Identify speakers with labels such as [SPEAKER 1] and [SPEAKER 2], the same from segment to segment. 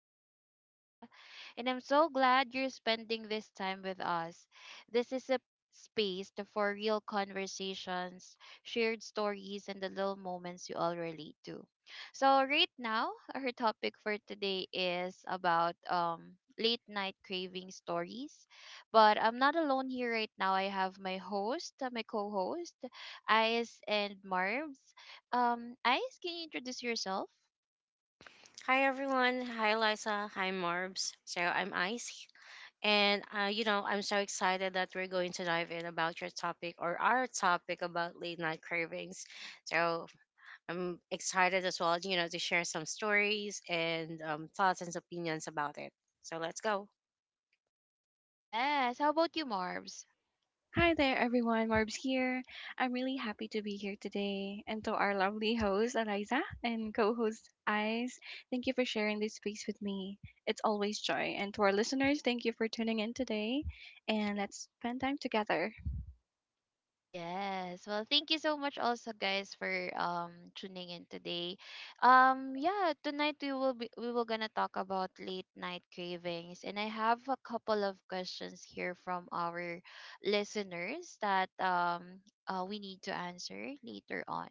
[SPEAKER 1] your host Aiza, and I'm so glad you're spending this time with us. This is a for real conversations, shared stories, and the little moments you all relate to. So right now, our topic for today is about late night craving stories. But I'm not alone here right now. I have my my co-host, Ais and Marbs. Ice, can you introduce yourself?
[SPEAKER 2] Hi everyone. Hi Liza. Hi Morbs. So I'm Ice. And I'm so excited that we're going to dive in about your topic or our topic about late night cravings. So I'm excited as well, to share some stories and thoughts and opinions about it. So let's go.
[SPEAKER 1] Yes. How about you, Marbs?
[SPEAKER 3] Hi there, everyone. Marbs here. I'm really happy to be here today. And to our lovely host, Eliza, and co host, Eyes, thank you for sharing this space with me. It's always joy. And to our listeners, thank you for tuning in today. And let's spend time together.
[SPEAKER 1] Yes. Well, thank you so much also guys for tuning in today. Yeah, tonight we will gonna talk about late night cravings, and I have a couple of questions here from our listeners that we need to answer later on.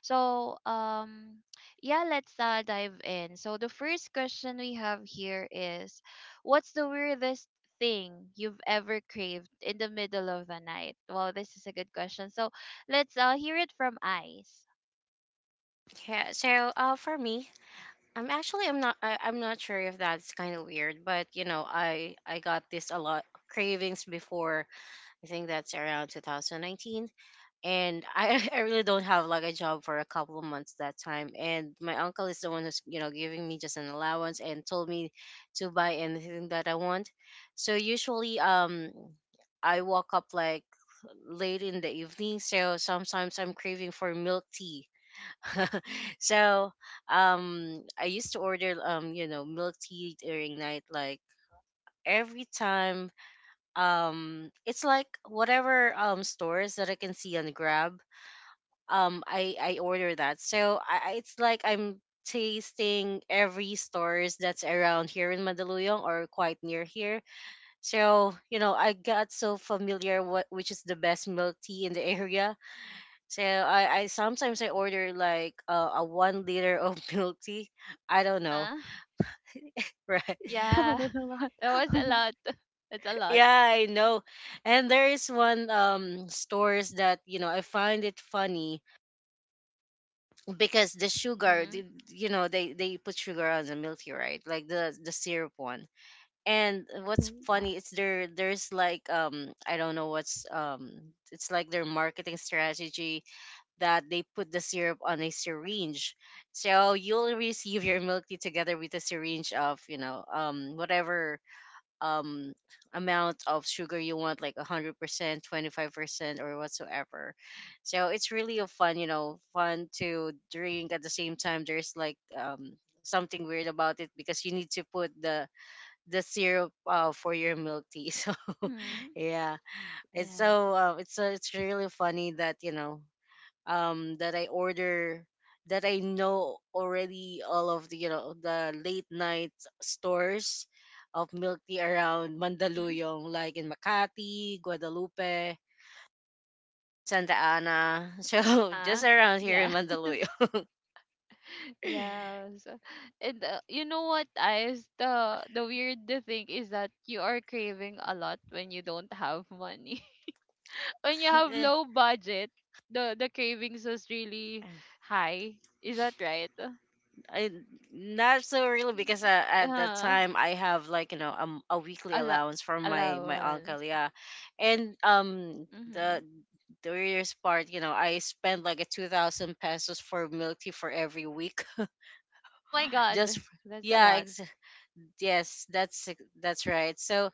[SPEAKER 1] So, yeah, let's dive in. So the first question we have here is, what's the weirdest thing you've ever craved in the middle of the night? Wow, this is a good question. So let's hear it from Ice.
[SPEAKER 2] Yeah. So for me, I'm actually I'm not I, I'm not sure if that's kind of weird, but I got this a lot cravings before. I think that's around 2019 and I, I really don't have like a job for a couple of months that time, and my uncle is the one who's, you know, giving me just an allowance and told me to buy anything that I want. So usually I woke up like late in the evening, so sometimes I'm craving for milk tea. So I used to order, you know, milk tea during night like every time. It's like whatever stores that I can see on Grab, I order that. So it's like I'm tasting every stores that's around here in Mandaluyong or quite near here. So, you know, I got so familiar what which is the best milk tea in the area. So I sometimes I order like a 1 liter of milk tea. I
[SPEAKER 1] Uh
[SPEAKER 2] don't know.
[SPEAKER 1] huh.
[SPEAKER 2] Right.
[SPEAKER 3] Oh,
[SPEAKER 1] Yeah,
[SPEAKER 3] that's a lot.
[SPEAKER 1] that was a lot. That's a lot.
[SPEAKER 2] Yeah, I know. And there is one stores that, you know, I find it funny because
[SPEAKER 1] Mhm.
[SPEAKER 2] you know, they put sugar on the milk tea, right, like the syrup one. And what's
[SPEAKER 3] Mhm.
[SPEAKER 1] Yeah.
[SPEAKER 2] funny is there's like I don't know what's it's like their marketing strategy that they put the syrup on a syringe, so you'll receive your milk tea together with a syringe of, you know, whatever um amount of sugar you want, like 100% 25% or whatsoever. So it's really a fun, you know, fun to drink. At the same time there's like something weird about it because you need to put the syrup for your milk tea. So
[SPEAKER 1] Mhm.
[SPEAKER 2] yeah, it's
[SPEAKER 1] Yeah.
[SPEAKER 2] so it's really funny that, you know, that I order, that I know already all of the, you know, the late night stores of milk tea around
[SPEAKER 1] Mhm.
[SPEAKER 2] Mandaluyong, like in Makati, Guadalupe, Santa Ana.
[SPEAKER 1] Uh
[SPEAKER 2] So
[SPEAKER 1] huh.
[SPEAKER 2] just around here in
[SPEAKER 1] Yeah.
[SPEAKER 2] Mandaluyong.
[SPEAKER 1] Yeah. So, and you know what, Ice? The weird thing is that you are craving a lot when you don't have money. When you have low budget, the cravings is really high. Is that right?
[SPEAKER 2] I not so really because at that
[SPEAKER 1] Uh,
[SPEAKER 2] time I have like, you know, a weekly
[SPEAKER 1] ala
[SPEAKER 2] allowance from my uncle,
[SPEAKER 1] Allowance.
[SPEAKER 2] yeah, and
[SPEAKER 1] Mm-hmm.
[SPEAKER 2] the the readers part, you know, I spent like a 2,000 pesos for milk tea for every week.
[SPEAKER 1] Oh my
[SPEAKER 2] just
[SPEAKER 1] God,
[SPEAKER 2] f-
[SPEAKER 1] that's a
[SPEAKER 2] yeah
[SPEAKER 1] lot.
[SPEAKER 2] yes that's right. So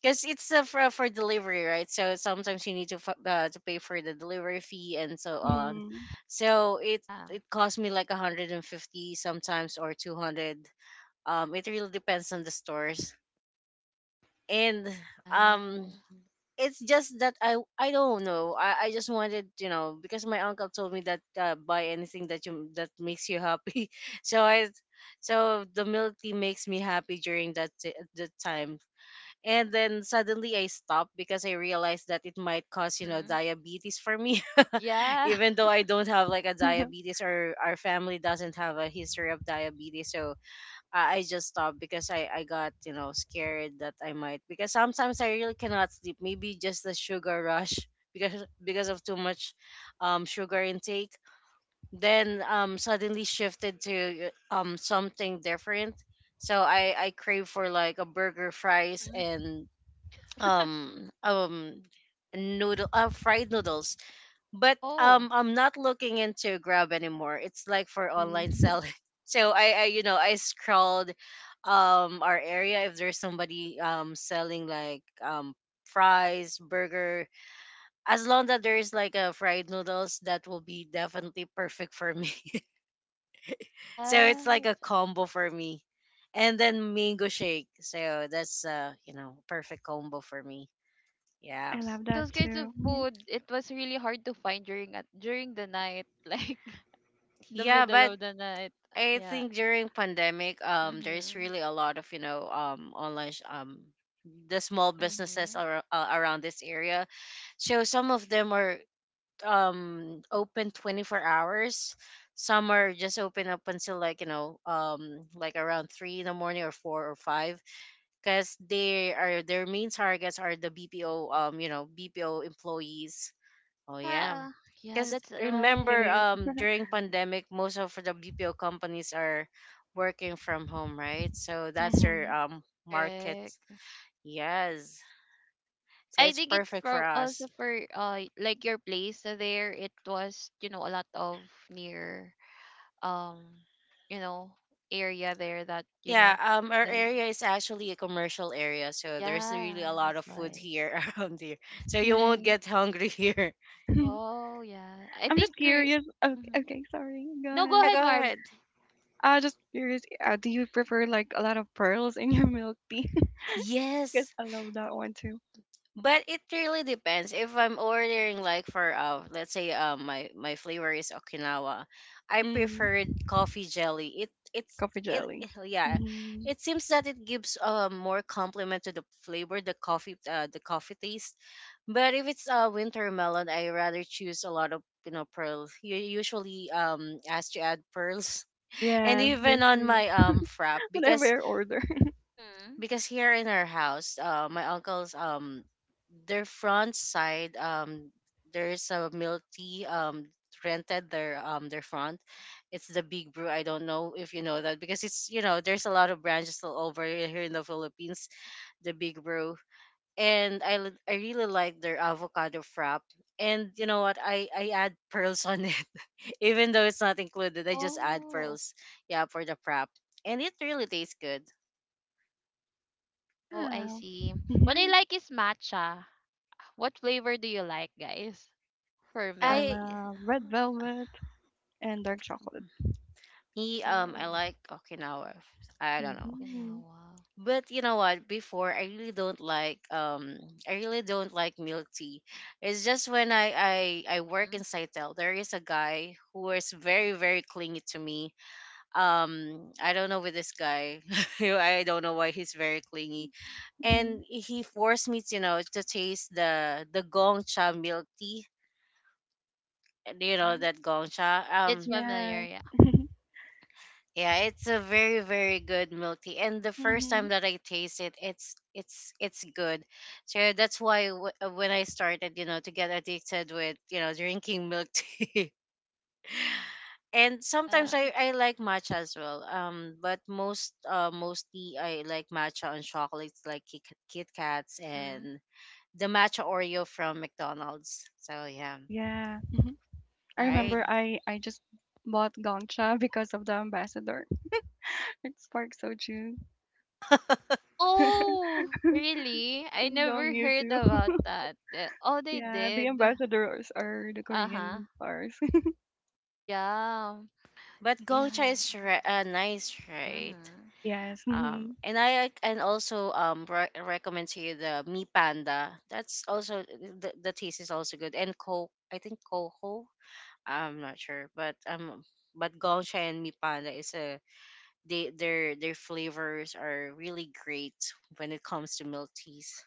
[SPEAKER 2] because it's for delivery, right, so sometimes you need to to pay for the delivery fee and so on.
[SPEAKER 3] Mhm.
[SPEAKER 2] So it
[SPEAKER 1] Yeah.
[SPEAKER 2] it cost me like 150 sometimes or 200. It really depends on the stores, and um,
[SPEAKER 1] Yeah.
[SPEAKER 2] it's just that I don't know. I just wanted, you know, because my uncle told me that buy anything that you that makes you happy. So I, so the milk tea makes me happy during that time, and then suddenly I stopped because I realized that it might cause, you know,
[SPEAKER 1] Mm-hmm.
[SPEAKER 2] diabetes for me.
[SPEAKER 1] Yeah.
[SPEAKER 2] Even though I don't have like a diabetes or our family doesn't have a history of diabetes, so I just stopped because I got, you know, scared that I might, because sometimes I really cannot sleep. Maybe just the sugar rush because of too much sugar intake. Then suddenly shifted to something different. So I crave for like a burger, fries,
[SPEAKER 1] Mm-hmm.
[SPEAKER 2] and um um noodle fried noodles, but
[SPEAKER 1] Oh,
[SPEAKER 2] I'm not looking into Grab anymore. It's like for online
[SPEAKER 3] Mhm.
[SPEAKER 2] selling. So I you know, I scrolled our area if there's somebody selling like fries, burger. As long that there is like a fried noodles, that will be definitely perfect for me. So it's like a
[SPEAKER 1] yes.
[SPEAKER 2] combo for me. And then mango shake. So that's you know, perfect combo for me. Yeah.
[SPEAKER 3] I love
[SPEAKER 1] Those
[SPEAKER 3] that
[SPEAKER 1] kinds of
[SPEAKER 3] too. Mhm.
[SPEAKER 1] food, it was really hard to find during the night, like the
[SPEAKER 2] Yeah,
[SPEAKER 1] middle
[SPEAKER 2] but
[SPEAKER 1] of the night.
[SPEAKER 2] I
[SPEAKER 1] Yeah.
[SPEAKER 2] think during pandemic, there's
[SPEAKER 1] Mhm.
[SPEAKER 2] really a lot of, you know, the small businesses
[SPEAKER 1] Mhm.
[SPEAKER 2] around this area. So some of them are open 24 hours. Some are just open up until, like, you know, like around three in the morning or four or five, because they are their main targets are the BPO, you know, BPO employees. Oh yeah,
[SPEAKER 1] Yeah, yeah,
[SPEAKER 2] because
[SPEAKER 1] that's
[SPEAKER 3] It
[SPEAKER 1] why.
[SPEAKER 2] remember,
[SPEAKER 3] is.
[SPEAKER 2] during
[SPEAKER 1] Mhm.
[SPEAKER 2] pandemic, most of the BPO companies are working from home, right? So that's their
[SPEAKER 3] Mhm.
[SPEAKER 2] market.
[SPEAKER 1] Correct.
[SPEAKER 2] Yes,
[SPEAKER 1] It,
[SPEAKER 2] so
[SPEAKER 1] I
[SPEAKER 2] it's
[SPEAKER 1] think it's
[SPEAKER 2] perfect for
[SPEAKER 1] for also
[SPEAKER 2] us.
[SPEAKER 1] for like your place there. It was, you know, a lot of near um you know area there that you
[SPEAKER 2] Yeah,
[SPEAKER 1] know
[SPEAKER 2] our
[SPEAKER 1] sell.
[SPEAKER 2] area is actually a commercial area, so there's really a
[SPEAKER 1] Yeah,
[SPEAKER 2] lot
[SPEAKER 1] that's
[SPEAKER 2] of food
[SPEAKER 1] why.
[SPEAKER 2] here around here. So you won't
[SPEAKER 3] Right.
[SPEAKER 2] get hungry here.
[SPEAKER 1] Oh yeah, I
[SPEAKER 3] I'm
[SPEAKER 1] think.
[SPEAKER 3] just
[SPEAKER 1] We
[SPEAKER 3] curious. Okay,
[SPEAKER 1] hmm
[SPEAKER 3] okay, sorry. Go
[SPEAKER 1] No, go
[SPEAKER 3] ahead.
[SPEAKER 2] Yeah, go
[SPEAKER 1] ahead, Marbs.
[SPEAKER 2] ahead.
[SPEAKER 3] I just curious, do you prefer like a lot of pearls in your milk tea? Because
[SPEAKER 2] Yes,
[SPEAKER 3] I love that one too.
[SPEAKER 2] but it really depends if I'm ordering like for let's say my my flavor is Okinawa, I
[SPEAKER 3] Mm.
[SPEAKER 2] preferred coffee jelly. it it's
[SPEAKER 3] Coffee
[SPEAKER 2] it
[SPEAKER 3] jelly.
[SPEAKER 2] yeah,
[SPEAKER 3] Mm-hmm.
[SPEAKER 2] it seems that it gives more compliment to the coffee taste. But if it's a winter melon, I rather choose a lot of, you know, pearls. You usually ask to add pearls and
[SPEAKER 3] Yes,
[SPEAKER 2] even
[SPEAKER 3] me
[SPEAKER 2] on
[SPEAKER 3] too.
[SPEAKER 2] my frap,
[SPEAKER 3] Whenever I order.
[SPEAKER 1] Mm-hmm.
[SPEAKER 2] because here in our house, my uncle's their front side there's a milk tea rented their front. It's the Big Brew. I don't know if you know that, because it's, you know, there's a lot of branches all over here in the Philippines. The Big Brew, and I really like their avocado frap. And you know what? I add pearls on it, even though it's not included. I just add
[SPEAKER 1] Oh,
[SPEAKER 2] pearls, yeah, for the frap, and it really tastes good.
[SPEAKER 1] oh, I
[SPEAKER 3] Yeah.
[SPEAKER 1] see. What I
[SPEAKER 3] Mm-hmm.
[SPEAKER 1] like is matcha. What flavor do you like, guys, for
[SPEAKER 3] I
[SPEAKER 1] milk
[SPEAKER 2] I,
[SPEAKER 1] tea?
[SPEAKER 3] love red velvet and dark chocolate.
[SPEAKER 2] me, I
[SPEAKER 1] Oh,
[SPEAKER 2] like Okinawa. I don't know,
[SPEAKER 3] Mm-hmm.
[SPEAKER 1] quinoa.
[SPEAKER 2] but you know what? Before, I really don't like I really don't like milk tea. It's just when I work
[SPEAKER 1] Mm-hmm.
[SPEAKER 2] in Saitel, there is a guy who is very very clingy to me. I don't know with this guy. I don't know why he's very clingy,
[SPEAKER 3] Mm-hmm.
[SPEAKER 2] and he forced me to, you know, to taste the Gongcha milk tea. Do you know
[SPEAKER 1] Hmm.
[SPEAKER 2] that Gongcha?
[SPEAKER 1] It's familiar,
[SPEAKER 3] Yes.
[SPEAKER 1] yeah.
[SPEAKER 2] Yeah, it's a very very good milk tea. And the first
[SPEAKER 3] Mm-hmm.
[SPEAKER 2] time that I taste it, it's good. So that's why when I started, you know, to get addicted with, you know, drinking milk tea. And
[SPEAKER 1] Uh,
[SPEAKER 2] sometimes I like matcha as well. But mostly I like matcha on chocolates like Kit, Kit Kats,
[SPEAKER 1] mm-hmm.
[SPEAKER 2] and the matcha Oreo from McDonald's. So yeah,
[SPEAKER 3] Yeah. Mm-hmm. I
[SPEAKER 2] right.
[SPEAKER 3] remember
[SPEAKER 1] Yes.
[SPEAKER 3] I just bought Gongcha because of the ambassador. It sparked Soju
[SPEAKER 1] Oh,
[SPEAKER 3] and
[SPEAKER 1] really? I never
[SPEAKER 3] Gongyu
[SPEAKER 1] heard
[SPEAKER 3] too.
[SPEAKER 1] about that. Oh, they
[SPEAKER 3] Yeah, the
[SPEAKER 1] did.
[SPEAKER 3] ambassadors are the
[SPEAKER 1] Uh-huh.
[SPEAKER 3] Korean stars.
[SPEAKER 1] Yeah.
[SPEAKER 2] But Gongcha
[SPEAKER 1] Yeah.
[SPEAKER 2] is nice, right?
[SPEAKER 1] Mm-hmm.
[SPEAKER 3] Yes. Mhm. It's
[SPEAKER 2] And I and also recommend to you the Mi Panda. That's also the taste is also good. And Coke, I think Coho. I'm not sure, but Gongcha and Mi Panda is a, they their flavors are really great when it comes to milk teas.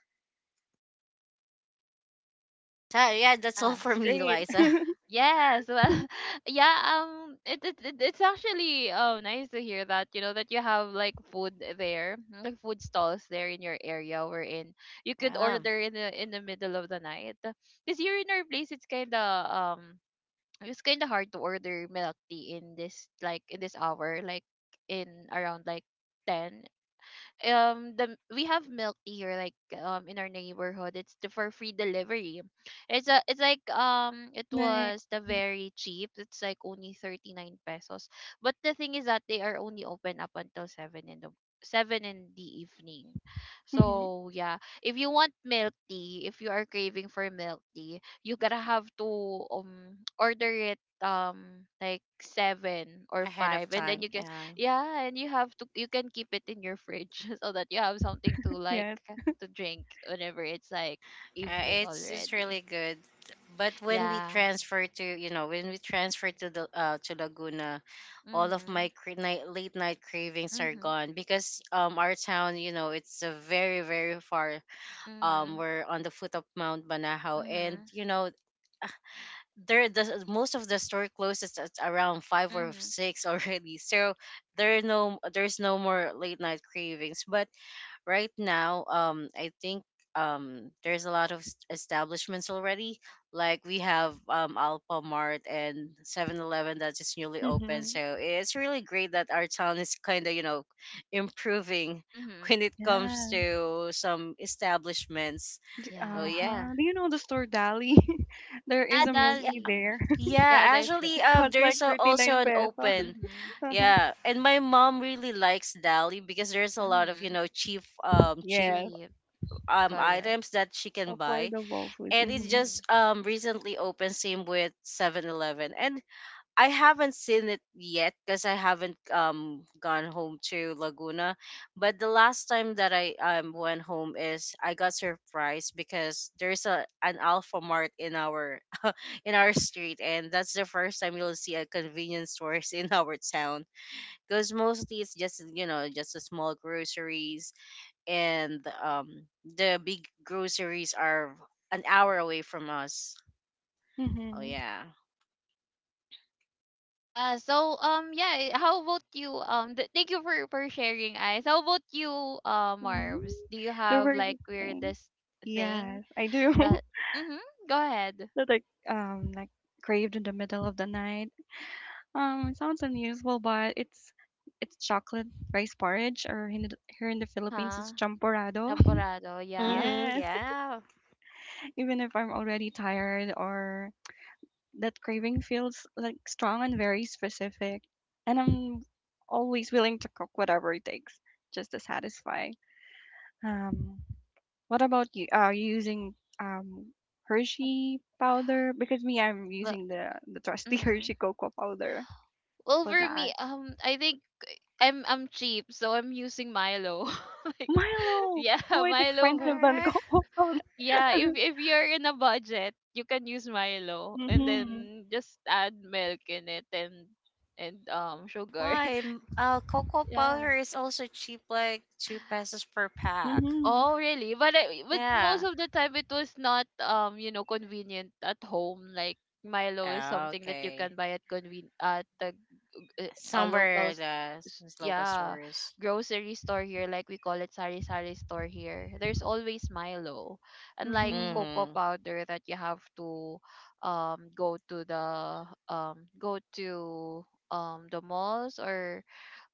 [SPEAKER 2] So, yeah, that's all for
[SPEAKER 1] Yes.
[SPEAKER 2] me,
[SPEAKER 3] great.
[SPEAKER 2] Liza.
[SPEAKER 1] Yes, well, yeah, it's actually oh nice to hear that you know that you have like food there, like food stalls there in your area wherein you could
[SPEAKER 2] Yeah,
[SPEAKER 1] order in the middle of the night. Cause here in our place, it's kinda hard to order milk tea in this hour, like in around like 10. The We have milk tea here like in our neighborhood. For free delivery, it's like, it
[SPEAKER 3] Nice.
[SPEAKER 1] was the very cheap. It's like only 39 pesos, but the thing is that they are only open up until 7 in the evening.
[SPEAKER 3] Mm-hmm.
[SPEAKER 1] So yeah, if you want milk tea, if you are craving for milk tea, you gotta have to order it like 7
[SPEAKER 2] ahead
[SPEAKER 1] or
[SPEAKER 2] of
[SPEAKER 1] 5,
[SPEAKER 2] time.
[SPEAKER 1] and then you
[SPEAKER 2] Yeah.
[SPEAKER 1] get, yeah, and you have to, you can keep it in your fridge so that you have something to like
[SPEAKER 3] Yes.
[SPEAKER 1] to drink whenever it's like evening
[SPEAKER 2] It's really
[SPEAKER 1] already.
[SPEAKER 2] good. But when we
[SPEAKER 1] Yeah.
[SPEAKER 2] transfer to, you know, when we transfer to the to Laguna, all of my
[SPEAKER 1] Mhm.
[SPEAKER 2] night, late night cravings are
[SPEAKER 1] Mhm.
[SPEAKER 2] gone because our town, you know, it's a very very far,
[SPEAKER 1] Mhm.
[SPEAKER 2] we're on the foot of Mount Banahaw, and
[SPEAKER 1] Mhm.
[SPEAKER 2] you know, there the most of the store closes at around five or
[SPEAKER 1] Mhm.
[SPEAKER 2] six already, so there are no, there's no more late night cravings. But right now I think there's a lot of establishments already, like we have Alpha Mart and 7-Eleven that is newly open,
[SPEAKER 3] Hmm.
[SPEAKER 2] so it's really great that our town is kind of, you know, improving
[SPEAKER 1] Mhm.
[SPEAKER 2] when it comes
[SPEAKER 3] Yeah.
[SPEAKER 2] to some establishments. So
[SPEAKER 1] Yeah.
[SPEAKER 2] yeah,
[SPEAKER 3] Uh-huh. Do you know the store Dali? There
[SPEAKER 1] Yeah,
[SPEAKER 3] is a milk
[SPEAKER 2] yeah,
[SPEAKER 3] tea
[SPEAKER 1] Dali.
[SPEAKER 3] there.
[SPEAKER 2] yeah,
[SPEAKER 1] Yeah, there's that.
[SPEAKER 2] actually
[SPEAKER 3] It costs like
[SPEAKER 2] there's a, also
[SPEAKER 3] 39
[SPEAKER 2] an
[SPEAKER 3] pesos.
[SPEAKER 2] open,
[SPEAKER 1] Mhm.
[SPEAKER 3] Uh-huh.
[SPEAKER 2] yeah, and my mom really likes Dali because there's a lot of, you
[SPEAKER 1] Mhm.
[SPEAKER 2] know, cheap
[SPEAKER 3] Yes.
[SPEAKER 1] Jeep. Correct.
[SPEAKER 2] items that she can buy.
[SPEAKER 3] Affordable food.
[SPEAKER 2] And it's
[SPEAKER 3] Mm-hmm.
[SPEAKER 2] just
[SPEAKER 1] Mhm.
[SPEAKER 2] recently opened, same with 7-Eleven. And I haven't seen it yet because I haven't gone home to Laguna. But the last time that I went home, is I got surprised because there's a an Alpha Mart in our in our street, and that's the first time you'll see a convenience stores in our town, because mostly it's just, you know, just a small groceries, and the big groceries are an hour away from us. Oh
[SPEAKER 3] Mm-hmm.
[SPEAKER 2] yeah.
[SPEAKER 1] Yeah, so yeah, how about you thank you for sharing, eyes. How about you
[SPEAKER 3] Mm.
[SPEAKER 1] Marvs? Do you
[SPEAKER 3] There
[SPEAKER 1] have
[SPEAKER 3] were
[SPEAKER 1] like
[SPEAKER 3] this thing.
[SPEAKER 1] weirdest thing?
[SPEAKER 3] Yes, I do.
[SPEAKER 1] That, mhm, go ahead.
[SPEAKER 3] That I like craved in the middle of the night. It sounds unusable, but it's chocolate rice porridge, or here in the Philippines,
[SPEAKER 1] Uh-huh.
[SPEAKER 3] it's champorado.
[SPEAKER 1] Champorado, yeah.
[SPEAKER 2] Mm-hmm.
[SPEAKER 3] Yes,
[SPEAKER 2] Yeah.
[SPEAKER 3] even if I'm already tired or that craving feels like strong and very specific, and I'm always willing to cook whatever it takes just to satisfy. Um, what about you? Are you using
[SPEAKER 1] Mhm,
[SPEAKER 3] Hershey powder? Because me, I'm
[SPEAKER 1] Well,
[SPEAKER 3] using the trusty
[SPEAKER 1] mhm.
[SPEAKER 3] Hershey cocoa powder
[SPEAKER 1] Well,
[SPEAKER 3] for
[SPEAKER 1] for
[SPEAKER 3] that.
[SPEAKER 1] me, I think I'm cheap, so I'm using Milo. Like,
[SPEAKER 3] Milo!
[SPEAKER 1] yeah,
[SPEAKER 3] Oh, it's
[SPEAKER 1] Milo.
[SPEAKER 2] All
[SPEAKER 3] expensive than
[SPEAKER 2] right.
[SPEAKER 3] Coke.
[SPEAKER 1] Yeah, if you're in a budget, you can use Milo,
[SPEAKER 3] Mhm.
[SPEAKER 1] and
[SPEAKER 3] Mhm.
[SPEAKER 1] then just add milk in it and sugar.
[SPEAKER 2] Why? Cocoa
[SPEAKER 1] Yeah.
[SPEAKER 2] powder is also cheap, like 2 pesos per pack.
[SPEAKER 1] Oh, really? But but most
[SPEAKER 2] Yeah.
[SPEAKER 1] of the time it was not you know convenient at home. Like Milo is
[SPEAKER 2] Ah,
[SPEAKER 1] something that you
[SPEAKER 2] okay.
[SPEAKER 1] can buy at conven at the g- uh, a local
[SPEAKER 2] Somewhere
[SPEAKER 1] s-
[SPEAKER 2] the
[SPEAKER 1] s-
[SPEAKER 2] these local
[SPEAKER 1] yeah
[SPEAKER 2] stores.
[SPEAKER 1] grocery store here. Like we call it sari sari store here. There's always Milo, unlike
[SPEAKER 3] Mhm.
[SPEAKER 1] cocoa
[SPEAKER 2] Mm-hmm.
[SPEAKER 1] powder that you have to go to the malls or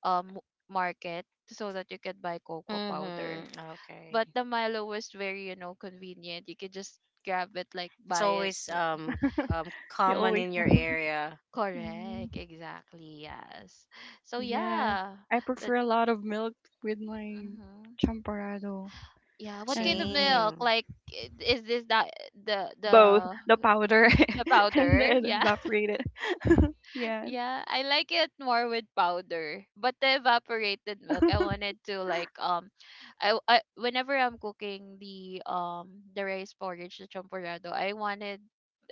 [SPEAKER 1] um market so that you can buy cocoa powder.
[SPEAKER 2] Mm-hmm. Okay.
[SPEAKER 1] But the Milo was very, you know, convenient. You could just grab it, like
[SPEAKER 2] It's
[SPEAKER 1] buy it.
[SPEAKER 2] always
[SPEAKER 3] They
[SPEAKER 2] common
[SPEAKER 3] always.
[SPEAKER 2] in your area.
[SPEAKER 3] mm,
[SPEAKER 1] Correct, exactly, yes. So
[SPEAKER 3] Yes.
[SPEAKER 1] yeah,
[SPEAKER 3] I prefer
[SPEAKER 1] that's
[SPEAKER 3] a lot of milk with my
[SPEAKER 1] hmm
[SPEAKER 3] champorado
[SPEAKER 1] yeah. What kind of
[SPEAKER 3] and
[SPEAKER 1] milk?
[SPEAKER 2] Same.
[SPEAKER 1] Like, is this that the
[SPEAKER 3] both
[SPEAKER 1] the
[SPEAKER 3] the powder
[SPEAKER 1] the
[SPEAKER 3] and
[SPEAKER 1] powder?
[SPEAKER 3] then
[SPEAKER 1] Yeah.
[SPEAKER 3] evaporated. Yes.
[SPEAKER 1] Yeah, I like it more with powder. But the evaporated milk, I wanted to like, I whenever I'm cooking the rice porridge, the champurrado,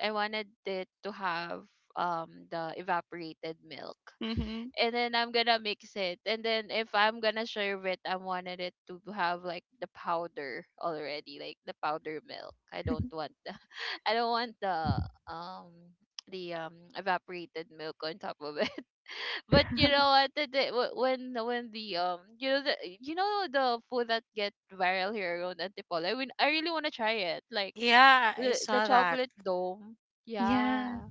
[SPEAKER 1] I wanted it to have the evaporated milk.
[SPEAKER 3] Mhm.
[SPEAKER 1] And then I'm gonna mix it. And then if I'm gonna serve it, I wanted it to have like the powder already, like the powder milk. I don't want the um evaporated milk on top of it. But you know what? When the you know the you know the food that get viral here around Antipolo. I mean, I really wanna try it. Like
[SPEAKER 2] Yeah, I
[SPEAKER 1] the
[SPEAKER 2] saw that.
[SPEAKER 1] chocolate dome.
[SPEAKER 3] Yeah.
[SPEAKER 1] Yeah,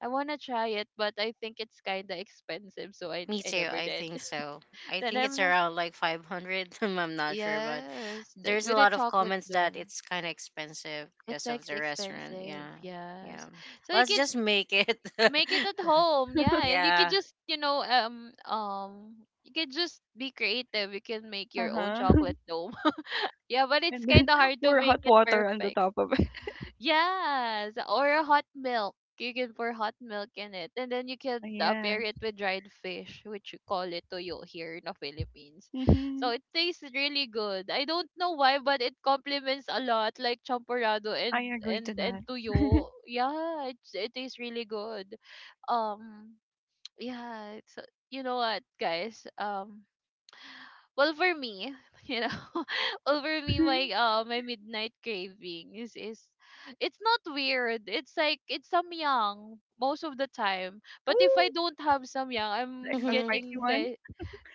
[SPEAKER 1] I wanna try it, but I think it's kinda expensive, so
[SPEAKER 2] Me
[SPEAKER 1] I
[SPEAKER 2] too.
[SPEAKER 1] never
[SPEAKER 2] I
[SPEAKER 1] did.
[SPEAKER 2] think so. I
[SPEAKER 1] Then
[SPEAKER 2] think it's
[SPEAKER 1] I'm not,
[SPEAKER 2] around like 500. I'm not sure, but
[SPEAKER 1] Yes, like
[SPEAKER 2] there's
[SPEAKER 1] with
[SPEAKER 2] a
[SPEAKER 1] the
[SPEAKER 2] lot of
[SPEAKER 1] chocolate
[SPEAKER 2] comments that
[SPEAKER 1] dome.
[SPEAKER 2] it's kind of expensive
[SPEAKER 1] It's
[SPEAKER 2] because
[SPEAKER 1] like
[SPEAKER 2] of the restaurant.
[SPEAKER 1] expensive,
[SPEAKER 2] Yeah.
[SPEAKER 1] yes.
[SPEAKER 2] Yeah.
[SPEAKER 1] So you
[SPEAKER 2] Let's just
[SPEAKER 1] can
[SPEAKER 2] make it.
[SPEAKER 1] make it at home, yeah, and you could
[SPEAKER 2] Yeah.
[SPEAKER 1] just, you know, you could just be creative. You can make your own
[SPEAKER 3] Uh-huh.
[SPEAKER 1] chocolate dome. Yeah, but it's
[SPEAKER 3] And
[SPEAKER 1] kind
[SPEAKER 3] then
[SPEAKER 1] of hard to
[SPEAKER 3] pour
[SPEAKER 1] make
[SPEAKER 3] hot
[SPEAKER 1] it
[SPEAKER 3] water on the
[SPEAKER 1] perfect.
[SPEAKER 3] top of it.
[SPEAKER 1] Yes, or a hot milk. You can pour hot milk in it, and then you can
[SPEAKER 3] Yeah.
[SPEAKER 1] pair it with dried fish, which you call it toyo here in the Philippines. So
[SPEAKER 3] Mhm.
[SPEAKER 1] it tastes really good. I don't know why, but it complements a lot, like champurrado and
[SPEAKER 3] I agree to that.
[SPEAKER 1] toyo. Yeah, it tastes really good. Um, yeah. So you know what, guys? Well for me, you know, well for me, my my midnight craving is, it's not weird. It's like it's samyang most of the time. But if I
[SPEAKER 3] Ooh,
[SPEAKER 1] don't have samyang,
[SPEAKER 3] the
[SPEAKER 1] I'm
[SPEAKER 3] extra
[SPEAKER 2] hmm
[SPEAKER 3] spicy.
[SPEAKER 1] getting the,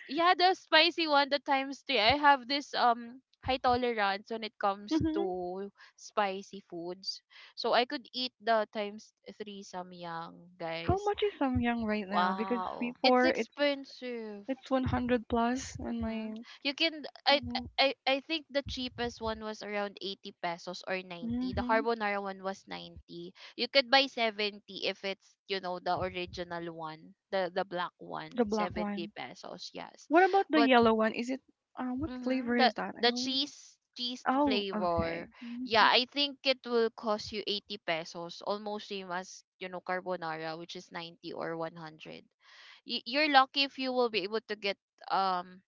[SPEAKER 1] yeah, the spicy one, the times three I have this high tolerance when it comes
[SPEAKER 3] Mm-hmm.
[SPEAKER 1] to spicy foods, so I could eat the times 3 samyang,
[SPEAKER 3] How
[SPEAKER 1] guys.
[SPEAKER 3] much is Samyang right now? Because
[SPEAKER 2] Wow.
[SPEAKER 1] It's
[SPEAKER 3] before it's
[SPEAKER 1] expensive.
[SPEAKER 3] it's 100 plus on
[SPEAKER 1] Mm-hmm.
[SPEAKER 3] my.
[SPEAKER 1] You can I think the cheapest one was around 80 pesos or 90. The
[SPEAKER 3] Mm-hmm.
[SPEAKER 1] carbonara one was 90. You could buy 70 if it's, you know, the original one, the black one,
[SPEAKER 3] The black
[SPEAKER 1] 70
[SPEAKER 3] one.
[SPEAKER 1] pesos, yes.
[SPEAKER 3] What about the
[SPEAKER 1] But
[SPEAKER 3] yellow one? Is it, what
[SPEAKER 1] mm-hmm,
[SPEAKER 3] flavor
[SPEAKER 1] the
[SPEAKER 3] is that? I don't.
[SPEAKER 1] cheese
[SPEAKER 3] Oh,
[SPEAKER 1] flavor.
[SPEAKER 3] okay. Mm-hmm.
[SPEAKER 1] Yeah, I think it will cost you 80 pesos, almost same as, you know, carbonara, which is 90 or 100. You're lucky if you will be able to get um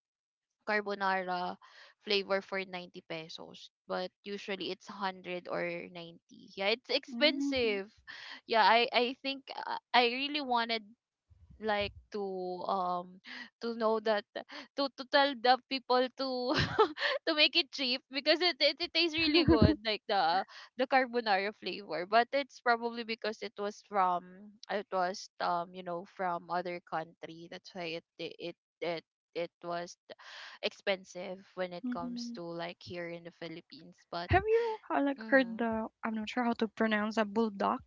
[SPEAKER 1] carbonara flavor for 90 pesos, but usually it's 100 or 90. Yeah, it's
[SPEAKER 3] Mm-hmm.
[SPEAKER 1] expensive. Yeah, I think I really wanted like to know that, to tell the people to to make it cheap, because it it tastes really good, like the carbonara flavor. But it's probably because it was, from it was you know, from other country. That's why it it it it was expensive when it comes
[SPEAKER 3] Mm-hmm.
[SPEAKER 1] to like here in the Philippines. But
[SPEAKER 3] Have you, like heard
[SPEAKER 1] mm,
[SPEAKER 3] the, I'm not sure how to pronounce, a bulldog.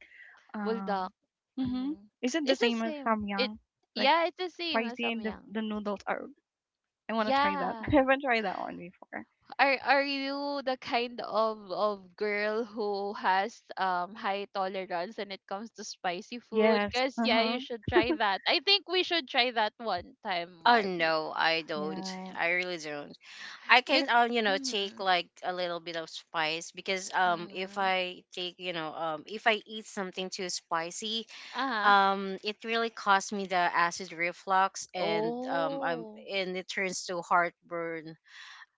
[SPEAKER 1] bulldog,
[SPEAKER 3] Um, mm-hmm.
[SPEAKER 1] mm,
[SPEAKER 3] Is it the
[SPEAKER 1] it's the
[SPEAKER 3] same as
[SPEAKER 1] same it
[SPEAKER 3] Samyang? Like
[SPEAKER 1] yeah, it's the same as
[SPEAKER 3] spicy and the
[SPEAKER 1] samyang.
[SPEAKER 3] the noodles are. I want to try that. I
[SPEAKER 1] Yeah.
[SPEAKER 3] haven't tried that one before.
[SPEAKER 1] Are you the kind of girl who has high tolerance when it comes to spicy food?
[SPEAKER 3] Yes.
[SPEAKER 1] Cause
[SPEAKER 3] Uh
[SPEAKER 1] yeah,
[SPEAKER 3] huh.
[SPEAKER 1] you should try that. I think we should try that one time,
[SPEAKER 2] Oh
[SPEAKER 1] Marvy.
[SPEAKER 2] no, I don't.
[SPEAKER 3] Yeah.
[SPEAKER 2] I really don't. I
[SPEAKER 1] You.
[SPEAKER 2] can, you know, take
[SPEAKER 1] Mm-hmm,
[SPEAKER 2] like a little bit of spice because if
[SPEAKER 1] mm-hmm.
[SPEAKER 2] I take, you know, if I eat something too spicy,
[SPEAKER 1] Uh huh.
[SPEAKER 2] it really caused me the acid reflux and I'm
[SPEAKER 1] Oh.
[SPEAKER 2] and it turns to heartburn,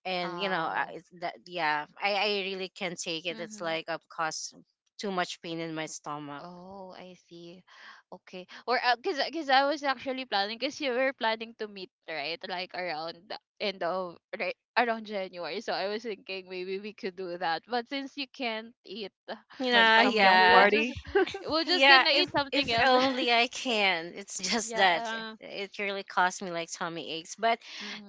[SPEAKER 2] and you know
[SPEAKER 1] Oh.
[SPEAKER 2] it's that. Yeah, I really can't take it. It's
[SPEAKER 1] Mm-hmm.
[SPEAKER 2] like I've caused too much pain in my stomach.
[SPEAKER 1] Oh, I see. Okay. Or cause I was actually planning, cause you were planning to meet, right? Like around the end of, right around January. So I was thinking maybe we could do that. But since you can't eat
[SPEAKER 3] Like
[SPEAKER 2] Yeah,
[SPEAKER 3] some
[SPEAKER 1] spicy food,
[SPEAKER 3] young
[SPEAKER 2] yeah.
[SPEAKER 3] party.
[SPEAKER 1] we'll just
[SPEAKER 2] Yeah,
[SPEAKER 1] gonna
[SPEAKER 2] if
[SPEAKER 1] eat something
[SPEAKER 2] if
[SPEAKER 1] else.
[SPEAKER 2] only I can. It's just that
[SPEAKER 1] Yeah.
[SPEAKER 2] it really cost me like tummy aches. But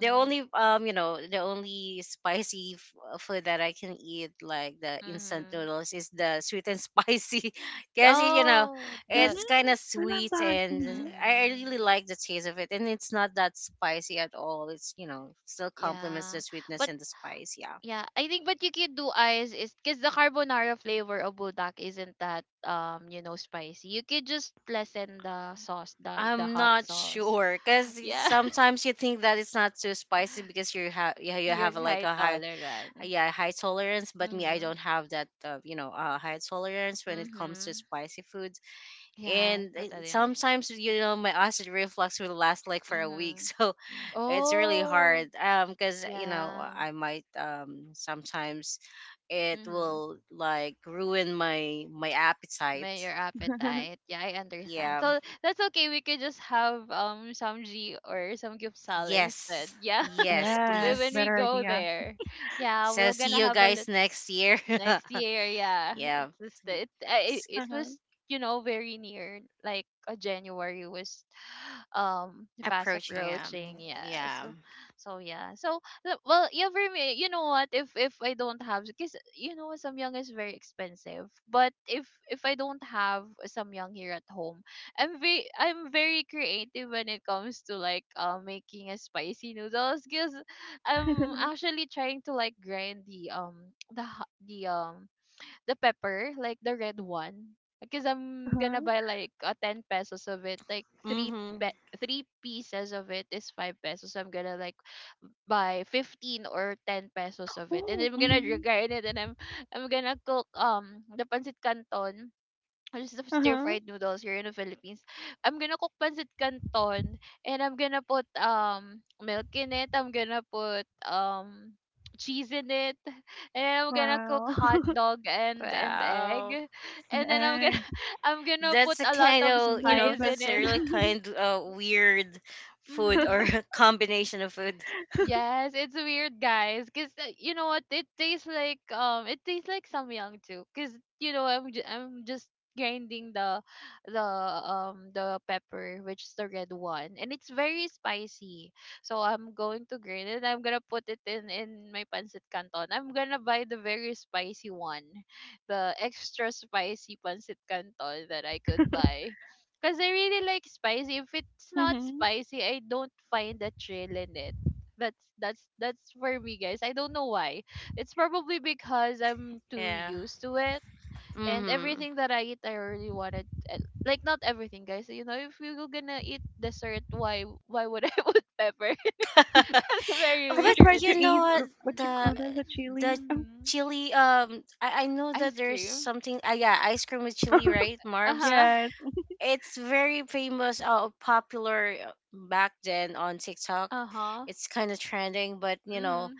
[SPEAKER 2] the only you know the only spicy food that I can eat like the instant
[SPEAKER 1] Mm-hmm.
[SPEAKER 2] noodles is the sweet and spicy. Cause it, you know,
[SPEAKER 1] Oh,
[SPEAKER 3] Mhm.
[SPEAKER 1] the
[SPEAKER 2] it's kind of
[SPEAKER 3] I love
[SPEAKER 2] sweet
[SPEAKER 3] that.
[SPEAKER 2] and
[SPEAKER 3] Mhm.
[SPEAKER 2] I
[SPEAKER 1] mm-hmm.
[SPEAKER 2] really like the taste of it, and it's not that spicy at all. It's you know still complements the
[SPEAKER 1] Yeah.
[SPEAKER 2] sweetness
[SPEAKER 1] But
[SPEAKER 2] and the spice. Yeah.
[SPEAKER 1] yeah, I think what you could do is because the carbonara flavor of budak isn't that you know spicy. You could just lessen the sauce, the
[SPEAKER 2] I'm
[SPEAKER 1] hot
[SPEAKER 2] not
[SPEAKER 1] sauce.
[SPEAKER 2] sure, because
[SPEAKER 1] Yeah,
[SPEAKER 2] sometimes you think that it's not too spicy because you have, yeah, you
[SPEAKER 1] your
[SPEAKER 2] have like
[SPEAKER 1] high
[SPEAKER 2] a high,
[SPEAKER 1] tolerance.
[SPEAKER 2] yeah, high tolerance, but me, I
[SPEAKER 1] Mhm.
[SPEAKER 2] don't have that you know high tolerance when it comes to
[SPEAKER 1] Mhm.
[SPEAKER 2] spicy foods.
[SPEAKER 1] Yeah,
[SPEAKER 2] And
[SPEAKER 1] totally understand.
[SPEAKER 2] sometimes, you know, my acid reflux will last like for a week.
[SPEAKER 1] Mhm.
[SPEAKER 2] So it's really
[SPEAKER 1] Oh,
[SPEAKER 2] hard because you know
[SPEAKER 1] yeah.
[SPEAKER 2] I might sometimes it
[SPEAKER 1] Mhm.
[SPEAKER 2] will like ruin my my appetite.
[SPEAKER 1] May your appetite. Yeah, I understand.
[SPEAKER 2] Yeah.
[SPEAKER 1] So that's okay. We could just have some G or some gyupsal instead.
[SPEAKER 2] Yes.
[SPEAKER 1] Yeah.
[SPEAKER 2] Yes,
[SPEAKER 3] Yes,
[SPEAKER 1] When
[SPEAKER 2] please.
[SPEAKER 1] we
[SPEAKER 3] better
[SPEAKER 1] go
[SPEAKER 3] idea.
[SPEAKER 1] there. Yeah, we're
[SPEAKER 2] So see
[SPEAKER 1] gonna
[SPEAKER 2] you
[SPEAKER 1] have a
[SPEAKER 2] guys
[SPEAKER 1] lit
[SPEAKER 2] next year.
[SPEAKER 1] next year. Yeah,
[SPEAKER 2] Yeah.
[SPEAKER 1] it's just, it, I-
[SPEAKER 2] S-
[SPEAKER 1] it
[SPEAKER 3] Uh-huh.
[SPEAKER 1] was, you know, very near. Like a January was fast
[SPEAKER 2] Approaching,
[SPEAKER 1] approaching, yes.
[SPEAKER 2] yeah.
[SPEAKER 1] So yeah, so well, for me, you know what, if I don't have, because you know, samyang is very expensive, but if I don't have samyang here at home, I'm very, I'm very creative when it comes to like making a spicy noodles, because I'm actually trying to like grind the the the pepper, like the red one, because I'm gonna
[SPEAKER 3] Uh-huh.
[SPEAKER 1] buy like a 10 pesos of it, like
[SPEAKER 2] Mhm.
[SPEAKER 1] pe- three pieces of it is 5 pesos. So I'm gonna like buy 15 or 10 pesos of it. And
[SPEAKER 3] Oh.
[SPEAKER 1] I'm gonna
[SPEAKER 3] Mhm.
[SPEAKER 1] drain it, and I'm gonna cook the pancit canton, just the stir
[SPEAKER 3] Uh-huh.
[SPEAKER 1] fried noodles here in the Philippines. I'm gonna cook pancit canton, and I'm gonna put milk in it. I'm gonna put cheese in it, and I'm gonna cook
[SPEAKER 3] Wow.
[SPEAKER 1] hot dog and egg,
[SPEAKER 2] Wow.
[SPEAKER 3] An
[SPEAKER 1] and then I'm gonna
[SPEAKER 3] egg.
[SPEAKER 1] I'm gonna put
[SPEAKER 2] That's a
[SPEAKER 1] a lot
[SPEAKER 2] kind
[SPEAKER 1] of
[SPEAKER 2] of,
[SPEAKER 3] Those
[SPEAKER 2] you
[SPEAKER 3] are the
[SPEAKER 2] know,
[SPEAKER 1] spice
[SPEAKER 3] best.
[SPEAKER 1] in
[SPEAKER 2] that's a
[SPEAKER 1] it.
[SPEAKER 2] really kind weird food
[SPEAKER 1] Hmm.
[SPEAKER 2] or combination of food.
[SPEAKER 1] Yes, it's weird, guys. Cause you know what? It tastes like samyang too. Cause you know, I'm just grinding the the the pepper, which is the red one, and it's very spicy. So I'm going to grind it. I'm gonna put it in my pancit canton. I'm gonna buy the very spicy one, the extra spicy pancit canton that I could buy. Because I really like spicy. If it's not
[SPEAKER 3] Mhm.
[SPEAKER 1] spicy, I don't find the thrill in it. That's for me, guys. I don't know why. It's probably because I'm too
[SPEAKER 2] Yeah.
[SPEAKER 1] used to it, and
[SPEAKER 2] Mhm.
[SPEAKER 1] everything that I eat, I already wanted. Like not everything, guys. You know, if we were gonna eat dessert, why would I put pepper?
[SPEAKER 2] But
[SPEAKER 1] That's
[SPEAKER 3] Have
[SPEAKER 1] very
[SPEAKER 3] you
[SPEAKER 1] weird.
[SPEAKER 3] tried to
[SPEAKER 2] you know
[SPEAKER 3] eat,
[SPEAKER 2] what,
[SPEAKER 3] what you
[SPEAKER 2] the
[SPEAKER 3] call that? The
[SPEAKER 2] the
[SPEAKER 3] chili? Oh.
[SPEAKER 1] Mm-hmm.
[SPEAKER 2] chili, I know that
[SPEAKER 1] Ice
[SPEAKER 2] there's
[SPEAKER 1] cream.
[SPEAKER 2] something yeah, ice cream with chili, right,
[SPEAKER 1] Uh
[SPEAKER 2] Marb?
[SPEAKER 1] huh.
[SPEAKER 3] Yes.
[SPEAKER 2] It's very famous, popular back then on TikTok.
[SPEAKER 1] Uh huh.
[SPEAKER 2] It's kind of trending, but you know,
[SPEAKER 1] Mm-hmm.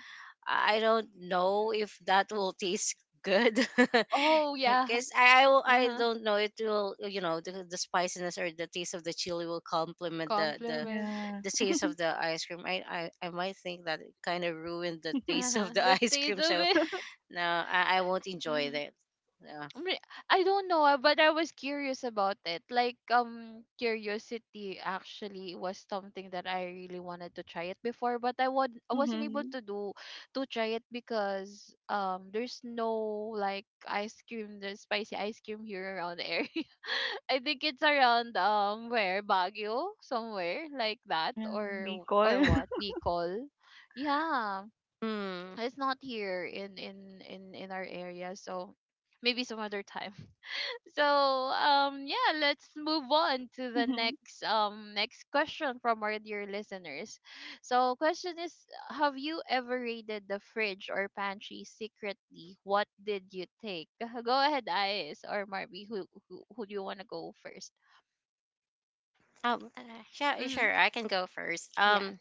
[SPEAKER 2] I don't know if that will taste good.
[SPEAKER 1] Oh yeah.
[SPEAKER 2] Because I, I will-
[SPEAKER 1] Uh
[SPEAKER 2] i
[SPEAKER 1] huh.
[SPEAKER 2] don't know, it will, you know, the spiciness or the taste of the chili will complement the the
[SPEAKER 1] Compliment.
[SPEAKER 3] Yeah.
[SPEAKER 2] the taste of the ice cream. I might think that it kind of ruined the
[SPEAKER 1] Uh
[SPEAKER 2] taste
[SPEAKER 1] huh.
[SPEAKER 2] of the
[SPEAKER 1] The
[SPEAKER 2] ice
[SPEAKER 1] taste
[SPEAKER 2] cream.
[SPEAKER 1] of
[SPEAKER 2] So
[SPEAKER 1] it.
[SPEAKER 2] no, I won't enjoy
[SPEAKER 1] Mm-hmm.
[SPEAKER 2] that. Yeah.
[SPEAKER 1] Re- I don't know, but I was curious about it. Like, curiosity actually was something that I really wanted to try it before, but I wasn't able
[SPEAKER 3] Mhm.
[SPEAKER 1] to do to try it because there's no like ice cream, there's spicy ice cream here around the area. I think it's around where Baguio, somewhere like that,
[SPEAKER 3] Yeah. Bicol.
[SPEAKER 1] or what, Bicol, yeah.
[SPEAKER 2] Hmm.
[SPEAKER 1] It's not here in in our area, so maybe some other time. So yeah, let's move on to the
[SPEAKER 3] Mhm.
[SPEAKER 1] next next question from our dear listeners. So question is, have you ever raided the fridge or pantry secretly? What did you take? Go ahead, Ice or Marby, who do you wanna go first?
[SPEAKER 2] Um, uh, sure,
[SPEAKER 1] Mm-hmm.
[SPEAKER 2] sure, I can go first.
[SPEAKER 1] Yes.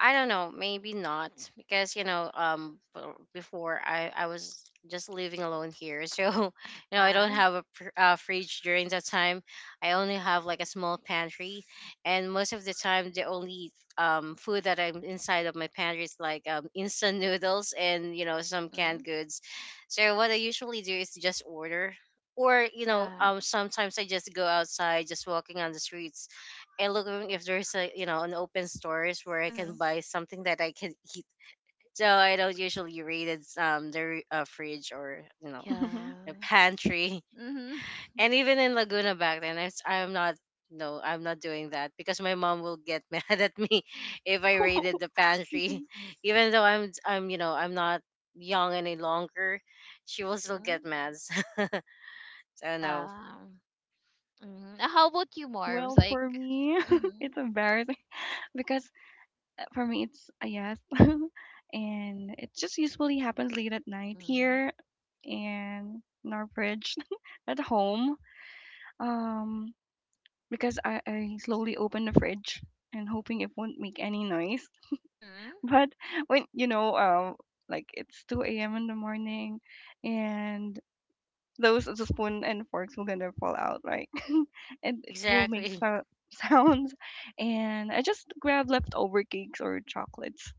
[SPEAKER 2] I don't know, maybe not because you know, before I was just living alone here, so you know I don't
[SPEAKER 1] Uh-huh.
[SPEAKER 2] have a fridge during that time. I only have like a small pantry, and most of the time the only food that I'm inside of my pantry is like instant noodles and you know some
[SPEAKER 1] Mm-hmm.
[SPEAKER 2] canned goods. So what I usually do is just order. Or you know,
[SPEAKER 1] Yeah.
[SPEAKER 2] sometimes I just go outside, just walking on the streets, and looking if there's a you know an open stores where I can
[SPEAKER 1] Mm-hmm.
[SPEAKER 2] buy something that I can eat. So I don't usually read it's fridge or you know
[SPEAKER 3] Mhm.
[SPEAKER 2] the
[SPEAKER 1] Yeah.
[SPEAKER 2] pantry.
[SPEAKER 1] Mm-hmm.
[SPEAKER 2] And even in Laguna back then, I'm not, no I'm not doing that, because my mom will get mad at me if I raided the pantry,
[SPEAKER 3] Mhm.
[SPEAKER 2] even though I'm you know I'm not young any longer. She will still get
[SPEAKER 1] Mm-hmm.
[SPEAKER 2] mad. So no.
[SPEAKER 1] Yeah. Mm-hmm. How about you,
[SPEAKER 3] Well,
[SPEAKER 1] Marbs? Like,
[SPEAKER 3] for me,
[SPEAKER 1] mm-hmm.
[SPEAKER 3] it's embarrassing because for me it's a yes, and it just usually happens late at night here in our fridge at home, um because I slowly open the fridge and hoping it won't make any noise,
[SPEAKER 1] Mm-hmm.
[SPEAKER 3] but when you know, like it's 2 a.m. in the morning, and those the spoon and forks will gonna fall out, right? And it will make
[SPEAKER 2] Exactly.
[SPEAKER 3] sounds, and I just grab leftover cakes or chocolates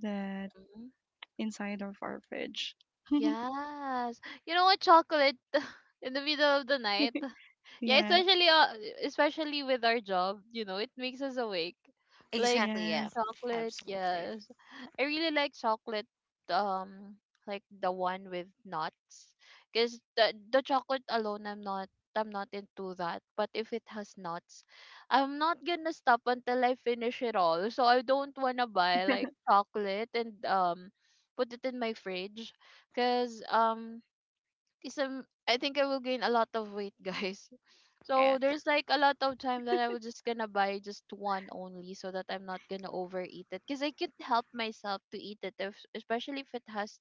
[SPEAKER 3] that
[SPEAKER 1] Mhm.
[SPEAKER 3] inside of our fridge.
[SPEAKER 1] Yes. You know what? Chocolate in the middle of the night. Yeah,
[SPEAKER 3] Yes,
[SPEAKER 1] especially especially with our job, you know, it makes us awake. Like,
[SPEAKER 2] Exactly, yeah.
[SPEAKER 3] yes.
[SPEAKER 1] chocolate,
[SPEAKER 2] Absolutely,
[SPEAKER 1] yes. I really like chocolate, um, like the one with nuts, because the chocolate alone, I'm not into that. But if it has nuts, I'm not gonna stop until I finish it all. So I don't wanna buy like chocolate and put it in my fridge, cause 'cause I'm, I think I will gain a lot of weight, guys.
[SPEAKER 2] yeah.
[SPEAKER 1] So there's like a lot of time that I was just gonna buy just one only so that I'm not gonna overeat it, because I can't help myself to eat it if, especially if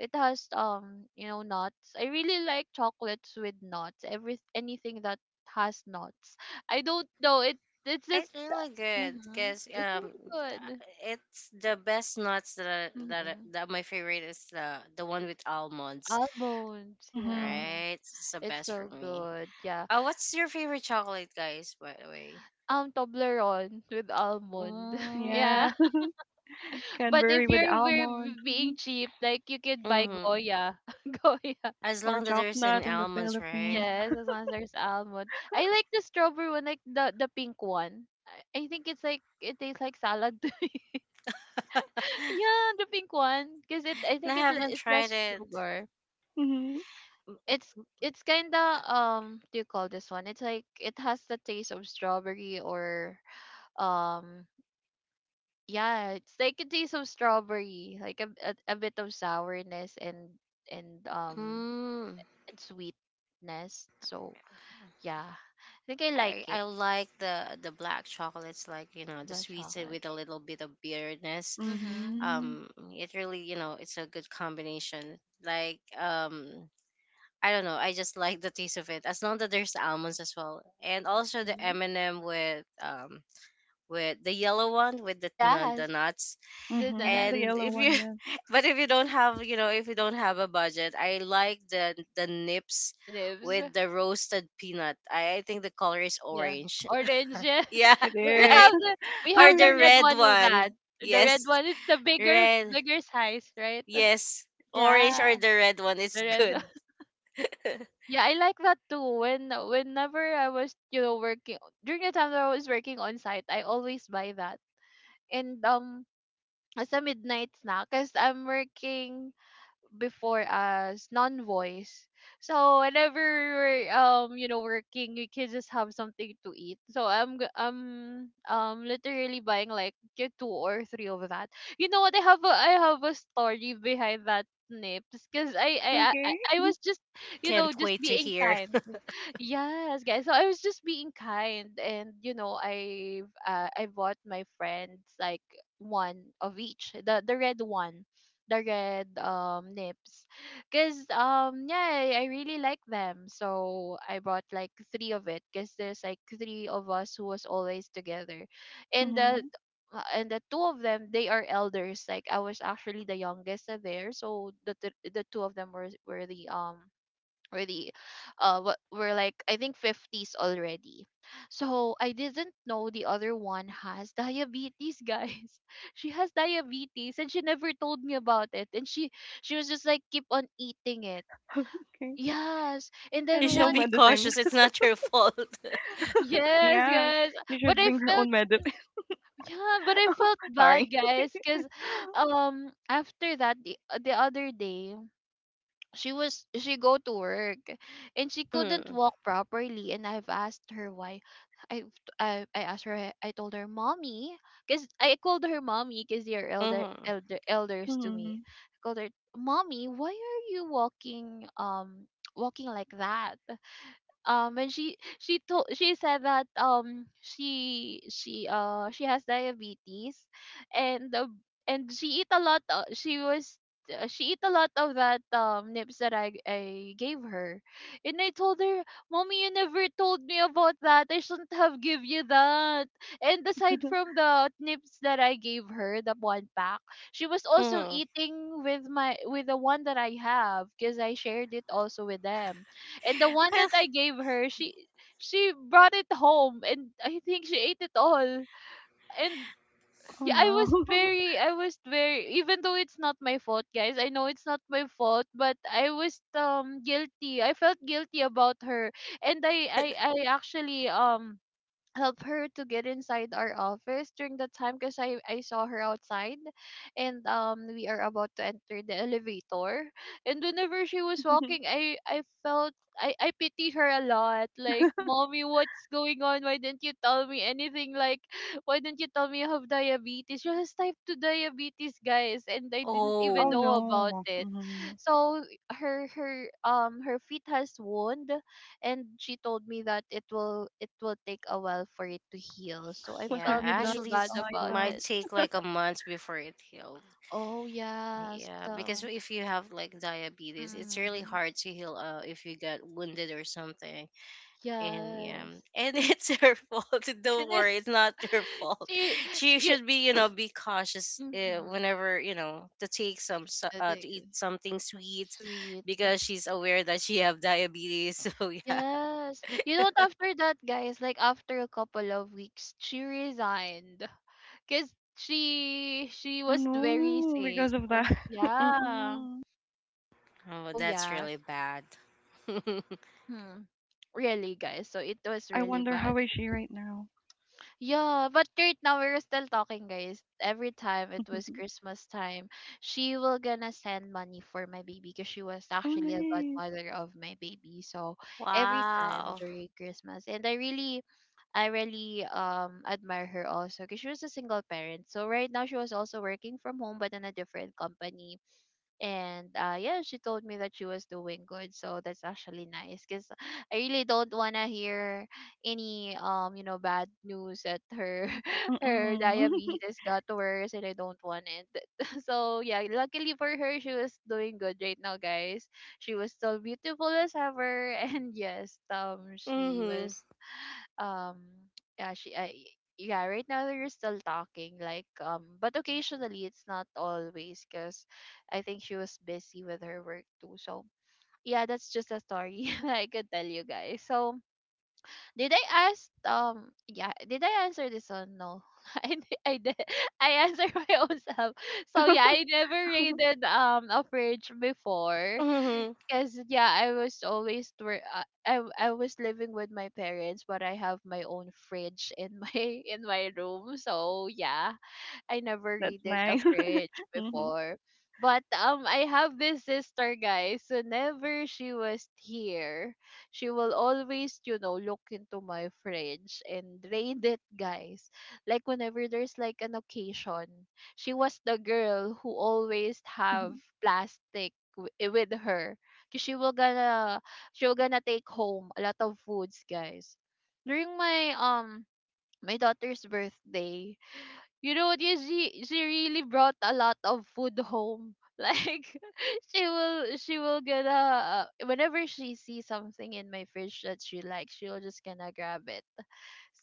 [SPEAKER 1] it has you know, nuts. I really like chocolates with nuts. Every Anything that has nuts. I don't know it. It's just
[SPEAKER 2] It's really good
[SPEAKER 1] mm-hmm,
[SPEAKER 2] because
[SPEAKER 1] it's really good.
[SPEAKER 2] it's the best nuts that
[SPEAKER 1] Mm-hmm.
[SPEAKER 2] that my favorite is the one with almonds,
[SPEAKER 1] Almonds,
[SPEAKER 3] Hmm.
[SPEAKER 1] yeah,
[SPEAKER 2] right? It's the
[SPEAKER 1] it's
[SPEAKER 2] best for
[SPEAKER 1] so
[SPEAKER 2] me.
[SPEAKER 1] good. Yeah.
[SPEAKER 2] What's your favorite chocolate, guys, by the way?
[SPEAKER 1] Toblerone with almond.
[SPEAKER 2] Mm,
[SPEAKER 1] Yeah.
[SPEAKER 3] Yeah,
[SPEAKER 1] But
[SPEAKER 3] Cadbury
[SPEAKER 1] if
[SPEAKER 3] with
[SPEAKER 1] you're we're
[SPEAKER 3] almond. Mhm,
[SPEAKER 1] being cheap, like you could buy
[SPEAKER 2] mm-hmm.
[SPEAKER 1] Goya. Goya.
[SPEAKER 2] As
[SPEAKER 3] or
[SPEAKER 2] long that there's an
[SPEAKER 3] chocolate in the
[SPEAKER 2] almonds, right?
[SPEAKER 3] Philippines.
[SPEAKER 1] Yes, as long as there's almond. I like the strawberry one, like the pink one. I think it's like it tastes like salad to me. Yeah, the pink one, because it, I
[SPEAKER 2] No,
[SPEAKER 1] think
[SPEAKER 2] I
[SPEAKER 1] it le-
[SPEAKER 2] haven't
[SPEAKER 1] it's
[SPEAKER 2] tried
[SPEAKER 1] less
[SPEAKER 2] it.
[SPEAKER 1] sugar.
[SPEAKER 3] Hmm.
[SPEAKER 1] It's it's kinda what do you call this one? It's like it has the taste of strawberry or um, yeah, it's like a taste of strawberry, like a bit of sourness and um
[SPEAKER 2] Mm.
[SPEAKER 1] and sweetness. So yeah, I think I like it.
[SPEAKER 2] I like the black chocolates, like you know the
[SPEAKER 1] Black
[SPEAKER 2] sweets
[SPEAKER 1] chocolate.
[SPEAKER 2] with a little bit of bitterness.
[SPEAKER 1] Mhm.
[SPEAKER 3] Hmm.
[SPEAKER 2] It really, you know, it's a good combination, like I don't know, I just like the taste of it as long that there's almonds as well. And also the
[SPEAKER 1] Mhm.
[SPEAKER 2] M&M with the yellow one, with the, the
[SPEAKER 1] Yes,
[SPEAKER 2] nuts.
[SPEAKER 1] the
[SPEAKER 3] Hmm. The
[SPEAKER 1] donuts,
[SPEAKER 2] And
[SPEAKER 3] yellow
[SPEAKER 2] if
[SPEAKER 3] one,
[SPEAKER 2] you
[SPEAKER 3] yes,
[SPEAKER 2] but if you don't have, you know, if you don't have a budget, I like the Nips
[SPEAKER 1] the nibs.
[SPEAKER 2] with the roasted peanut. I think the color is
[SPEAKER 1] Yeah,
[SPEAKER 2] orange.
[SPEAKER 1] oranges.
[SPEAKER 2] Yeah,
[SPEAKER 3] it
[SPEAKER 1] We
[SPEAKER 3] is.
[SPEAKER 2] right.
[SPEAKER 1] have the we
[SPEAKER 3] No,
[SPEAKER 2] Or
[SPEAKER 1] have
[SPEAKER 3] it's
[SPEAKER 1] the
[SPEAKER 2] the
[SPEAKER 1] red
[SPEAKER 3] not.
[SPEAKER 2] red
[SPEAKER 1] one of that.
[SPEAKER 2] one.
[SPEAKER 1] The red
[SPEAKER 2] Yes,
[SPEAKER 1] one is the
[SPEAKER 2] red.
[SPEAKER 1] bigger size, right?
[SPEAKER 2] Yes, orange or
[SPEAKER 1] Yeah,
[SPEAKER 2] the red one is
[SPEAKER 1] the red.
[SPEAKER 2] good.
[SPEAKER 1] Yeah, I like that too. When, whenever I was, you know, working during the time that I was working on site, I always buy that. And as a midnight snack, cause I'm working before as non-voice. So whenever we're you know working, we can just have something to eat. So I'm literally buying like get two or three of that. You know what? I have a story behind that nips, because I
[SPEAKER 3] Okay.
[SPEAKER 1] I was just you know
[SPEAKER 2] Can't
[SPEAKER 1] just
[SPEAKER 2] wait to
[SPEAKER 1] being
[SPEAKER 2] hear.
[SPEAKER 1] kind. Yes, guys. So I was just being kind, and you know, I bought my friends like one of each, the red one, the red nips, because yeah, I really like them, so I bought like three of it because there's like three of us who was always together, and the
[SPEAKER 3] Hmm.
[SPEAKER 1] and the two of them, they are elders. Like I was actually the youngest of there, so the two of them were the really what we're like I think 50s already. So I didn't know the other one has diabetes, guys. She has diabetes and she never told me about it, and she was just like keep on eating it.
[SPEAKER 3] Okay.
[SPEAKER 1] Yes, and
[SPEAKER 2] You
[SPEAKER 1] then
[SPEAKER 3] And
[SPEAKER 2] should
[SPEAKER 3] no
[SPEAKER 1] one.
[SPEAKER 2] be
[SPEAKER 3] medicine.
[SPEAKER 2] cautious. It's not your fault.
[SPEAKER 1] Yes,
[SPEAKER 3] Yes,
[SPEAKER 1] guys.
[SPEAKER 3] you
[SPEAKER 1] But
[SPEAKER 3] should
[SPEAKER 1] I
[SPEAKER 3] bring your
[SPEAKER 1] felt,
[SPEAKER 3] own medicine.
[SPEAKER 1] yeah, but I felt bad,
[SPEAKER 3] Sorry.
[SPEAKER 1] guys, because after that, the other day, she go to work, and she couldn't
[SPEAKER 2] Mm-hmm.
[SPEAKER 1] walk properly, and I've asked her why. I asked her, I told her, mommy, because I called her mommy, because they're
[SPEAKER 2] Mm-hmm.
[SPEAKER 1] elders to me,
[SPEAKER 3] Hmm.
[SPEAKER 1] I called her mommy, why are you walking walking like that, um, when she told, she said that she has diabetes. And the and she eat a lot, she eat a lot of that nips that I gave her. And I told her, "Mommy, you never told me about that. I shouldn't have give you that." And aside from the nips that I gave her, the one pack, she was also
[SPEAKER 2] Mm-hmm.
[SPEAKER 1] eating with my, with the one that I have, because I shared it also with them. And the one
[SPEAKER 2] Well,
[SPEAKER 1] that I gave her, she brought it home, and I think she ate it all. And
[SPEAKER 3] Oh
[SPEAKER 1] yeah,
[SPEAKER 3] no.
[SPEAKER 1] I was very, even though it's not my fault, guys. I know it's not my fault, but I was guilty. I felt guilty about her. And I actually help her to get inside our office during the time, because I saw her outside, and we are about to enter the elevator, and whenever she was walking, I felt, I pitied her a lot. Like, mommy, what's going on, why didn't you tell me anything, like why didn't you tell me you have diabetes? She has type 2 diabetes, guys, and I didn't even
[SPEAKER 3] Oh
[SPEAKER 2] oh,
[SPEAKER 1] know about
[SPEAKER 3] no.
[SPEAKER 1] it.
[SPEAKER 3] Hmm.
[SPEAKER 1] So her feet has wound, and she told me that it will take a while for it to heal, so I
[SPEAKER 3] What
[SPEAKER 2] yeah.
[SPEAKER 3] have
[SPEAKER 1] felt
[SPEAKER 3] you done,
[SPEAKER 1] really
[SPEAKER 2] Actually,
[SPEAKER 1] bad
[SPEAKER 2] it
[SPEAKER 1] about
[SPEAKER 2] might
[SPEAKER 3] Eliza?
[SPEAKER 1] it.
[SPEAKER 2] take like a month before it healed.
[SPEAKER 1] Oh yes,
[SPEAKER 2] Yeah,
[SPEAKER 1] the,
[SPEAKER 2] because if you have like diabetes, it's really
[SPEAKER 1] mm,
[SPEAKER 2] hard to heal if you got wounded or something. And yeah,
[SPEAKER 1] yes.
[SPEAKER 2] and it's her fault. Don't
[SPEAKER 1] And then
[SPEAKER 2] worry, it's not your fault.
[SPEAKER 1] she
[SPEAKER 2] She
[SPEAKER 1] you,
[SPEAKER 2] should be, you know, be cautious,
[SPEAKER 1] mm-hmm,
[SPEAKER 2] whenever, you know, to take some to eat something sweet,
[SPEAKER 1] sweet,
[SPEAKER 2] because she's aware that she have diabetes. So yeah.
[SPEAKER 1] yes, you know what, after that, guys, like after a couple of weeks she resigned, because she
[SPEAKER 3] Oh
[SPEAKER 1] was very
[SPEAKER 3] no,
[SPEAKER 1] sick,
[SPEAKER 3] because of that.
[SPEAKER 1] yeah,
[SPEAKER 3] Mm-mm.
[SPEAKER 2] Oh,
[SPEAKER 1] so
[SPEAKER 2] that's
[SPEAKER 1] yeah.
[SPEAKER 2] really bad.
[SPEAKER 1] Hmm. Really, guys, so it was
[SPEAKER 3] I
[SPEAKER 1] really
[SPEAKER 3] wonder
[SPEAKER 1] bad.
[SPEAKER 3] how is she right now.
[SPEAKER 1] Yeah, but right now we're still talking, guys. Every time it was Christmas time, she will gonna send money for my baby because she was
[SPEAKER 3] Oh
[SPEAKER 1] actually a
[SPEAKER 3] nice.
[SPEAKER 1] godmother of my baby. So every time
[SPEAKER 2] Wow.
[SPEAKER 1] during Christmas. And I really, I really admire her also because she was a single parent. So right now she was also working from home, but in a different company. And yeah, she told me that she was doing good, so that's actually nice because I really don't want to hear any bad news that her her
[SPEAKER 3] Mm-mm.
[SPEAKER 1] diabetes got worse, and I don't want it. So yeah, luckily for her, she was doing good right now, guys. She was still beautiful as ever. And yes, she
[SPEAKER 2] Hmm.
[SPEAKER 1] was um yeah, she I yeah, right now they're still talking, like, but occasionally it's not always because I think she was busy with her work too. So yeah, that's just a story I could tell you guys. So did I ask, yeah, did I answer this one? No. I did. I answered my own self. So yeah, I never raided a fridge before.
[SPEAKER 2] Hmm.
[SPEAKER 1] Because yeah, I was always where I was living with my parents, but I have my own fridge in my in my room. So yeah, I never
[SPEAKER 3] That's
[SPEAKER 1] raided a
[SPEAKER 3] nice.
[SPEAKER 1] fridge
[SPEAKER 3] Mm-hmm.
[SPEAKER 1] before. But I have this sister, guys. Whenever she was here, she will always, look into my fridge and raid it, guys. Like whenever there's like an occasion, she was the girl who always have plastic with her. 'Cause she will gonna take home a lot of foods, guys. During my my daughter's birthday, you know what? Yeah, she really brought a lot of food home. Like she will gonna whenever she sees something in my fridge that she likes, she'll just gonna grab it.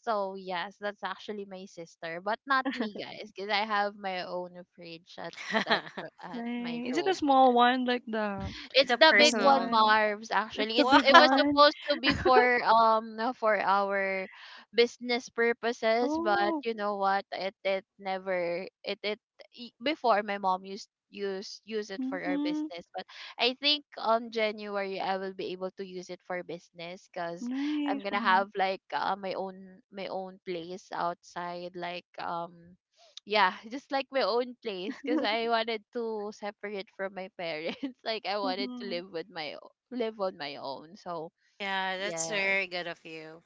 [SPEAKER 1] So yes, that's actually my sister, but not me, guys, because I have my own fridge at at my
[SPEAKER 3] Nice. Is it a
[SPEAKER 1] room. Yeah.
[SPEAKER 3] small one like the
[SPEAKER 1] It's
[SPEAKER 2] The
[SPEAKER 1] the
[SPEAKER 3] the
[SPEAKER 1] big one,
[SPEAKER 2] personal.
[SPEAKER 3] one?
[SPEAKER 1] Marv's.
[SPEAKER 3] It's
[SPEAKER 1] Actually,
[SPEAKER 3] the
[SPEAKER 1] it's
[SPEAKER 3] big
[SPEAKER 1] it was
[SPEAKER 2] Wow.
[SPEAKER 3] one.
[SPEAKER 1] supposed to be for our business purposes. But
[SPEAKER 3] Oh.
[SPEAKER 1] you know what? It never it it e- Before my mom used use it for our
[SPEAKER 3] Mm-hmm.
[SPEAKER 1] business, but I think on January I will be able to use it for business because I'm
[SPEAKER 3] Nice.
[SPEAKER 1] gonna
[SPEAKER 3] Mm-hmm.
[SPEAKER 1] have like my own place outside, like, yeah, just like my own place, because I wanted to separate from my parents. Like I wanted to
[SPEAKER 3] Mm-hmm.
[SPEAKER 1] live on my own. So
[SPEAKER 2] Yeah, that's
[SPEAKER 1] yeah,
[SPEAKER 2] very good of you.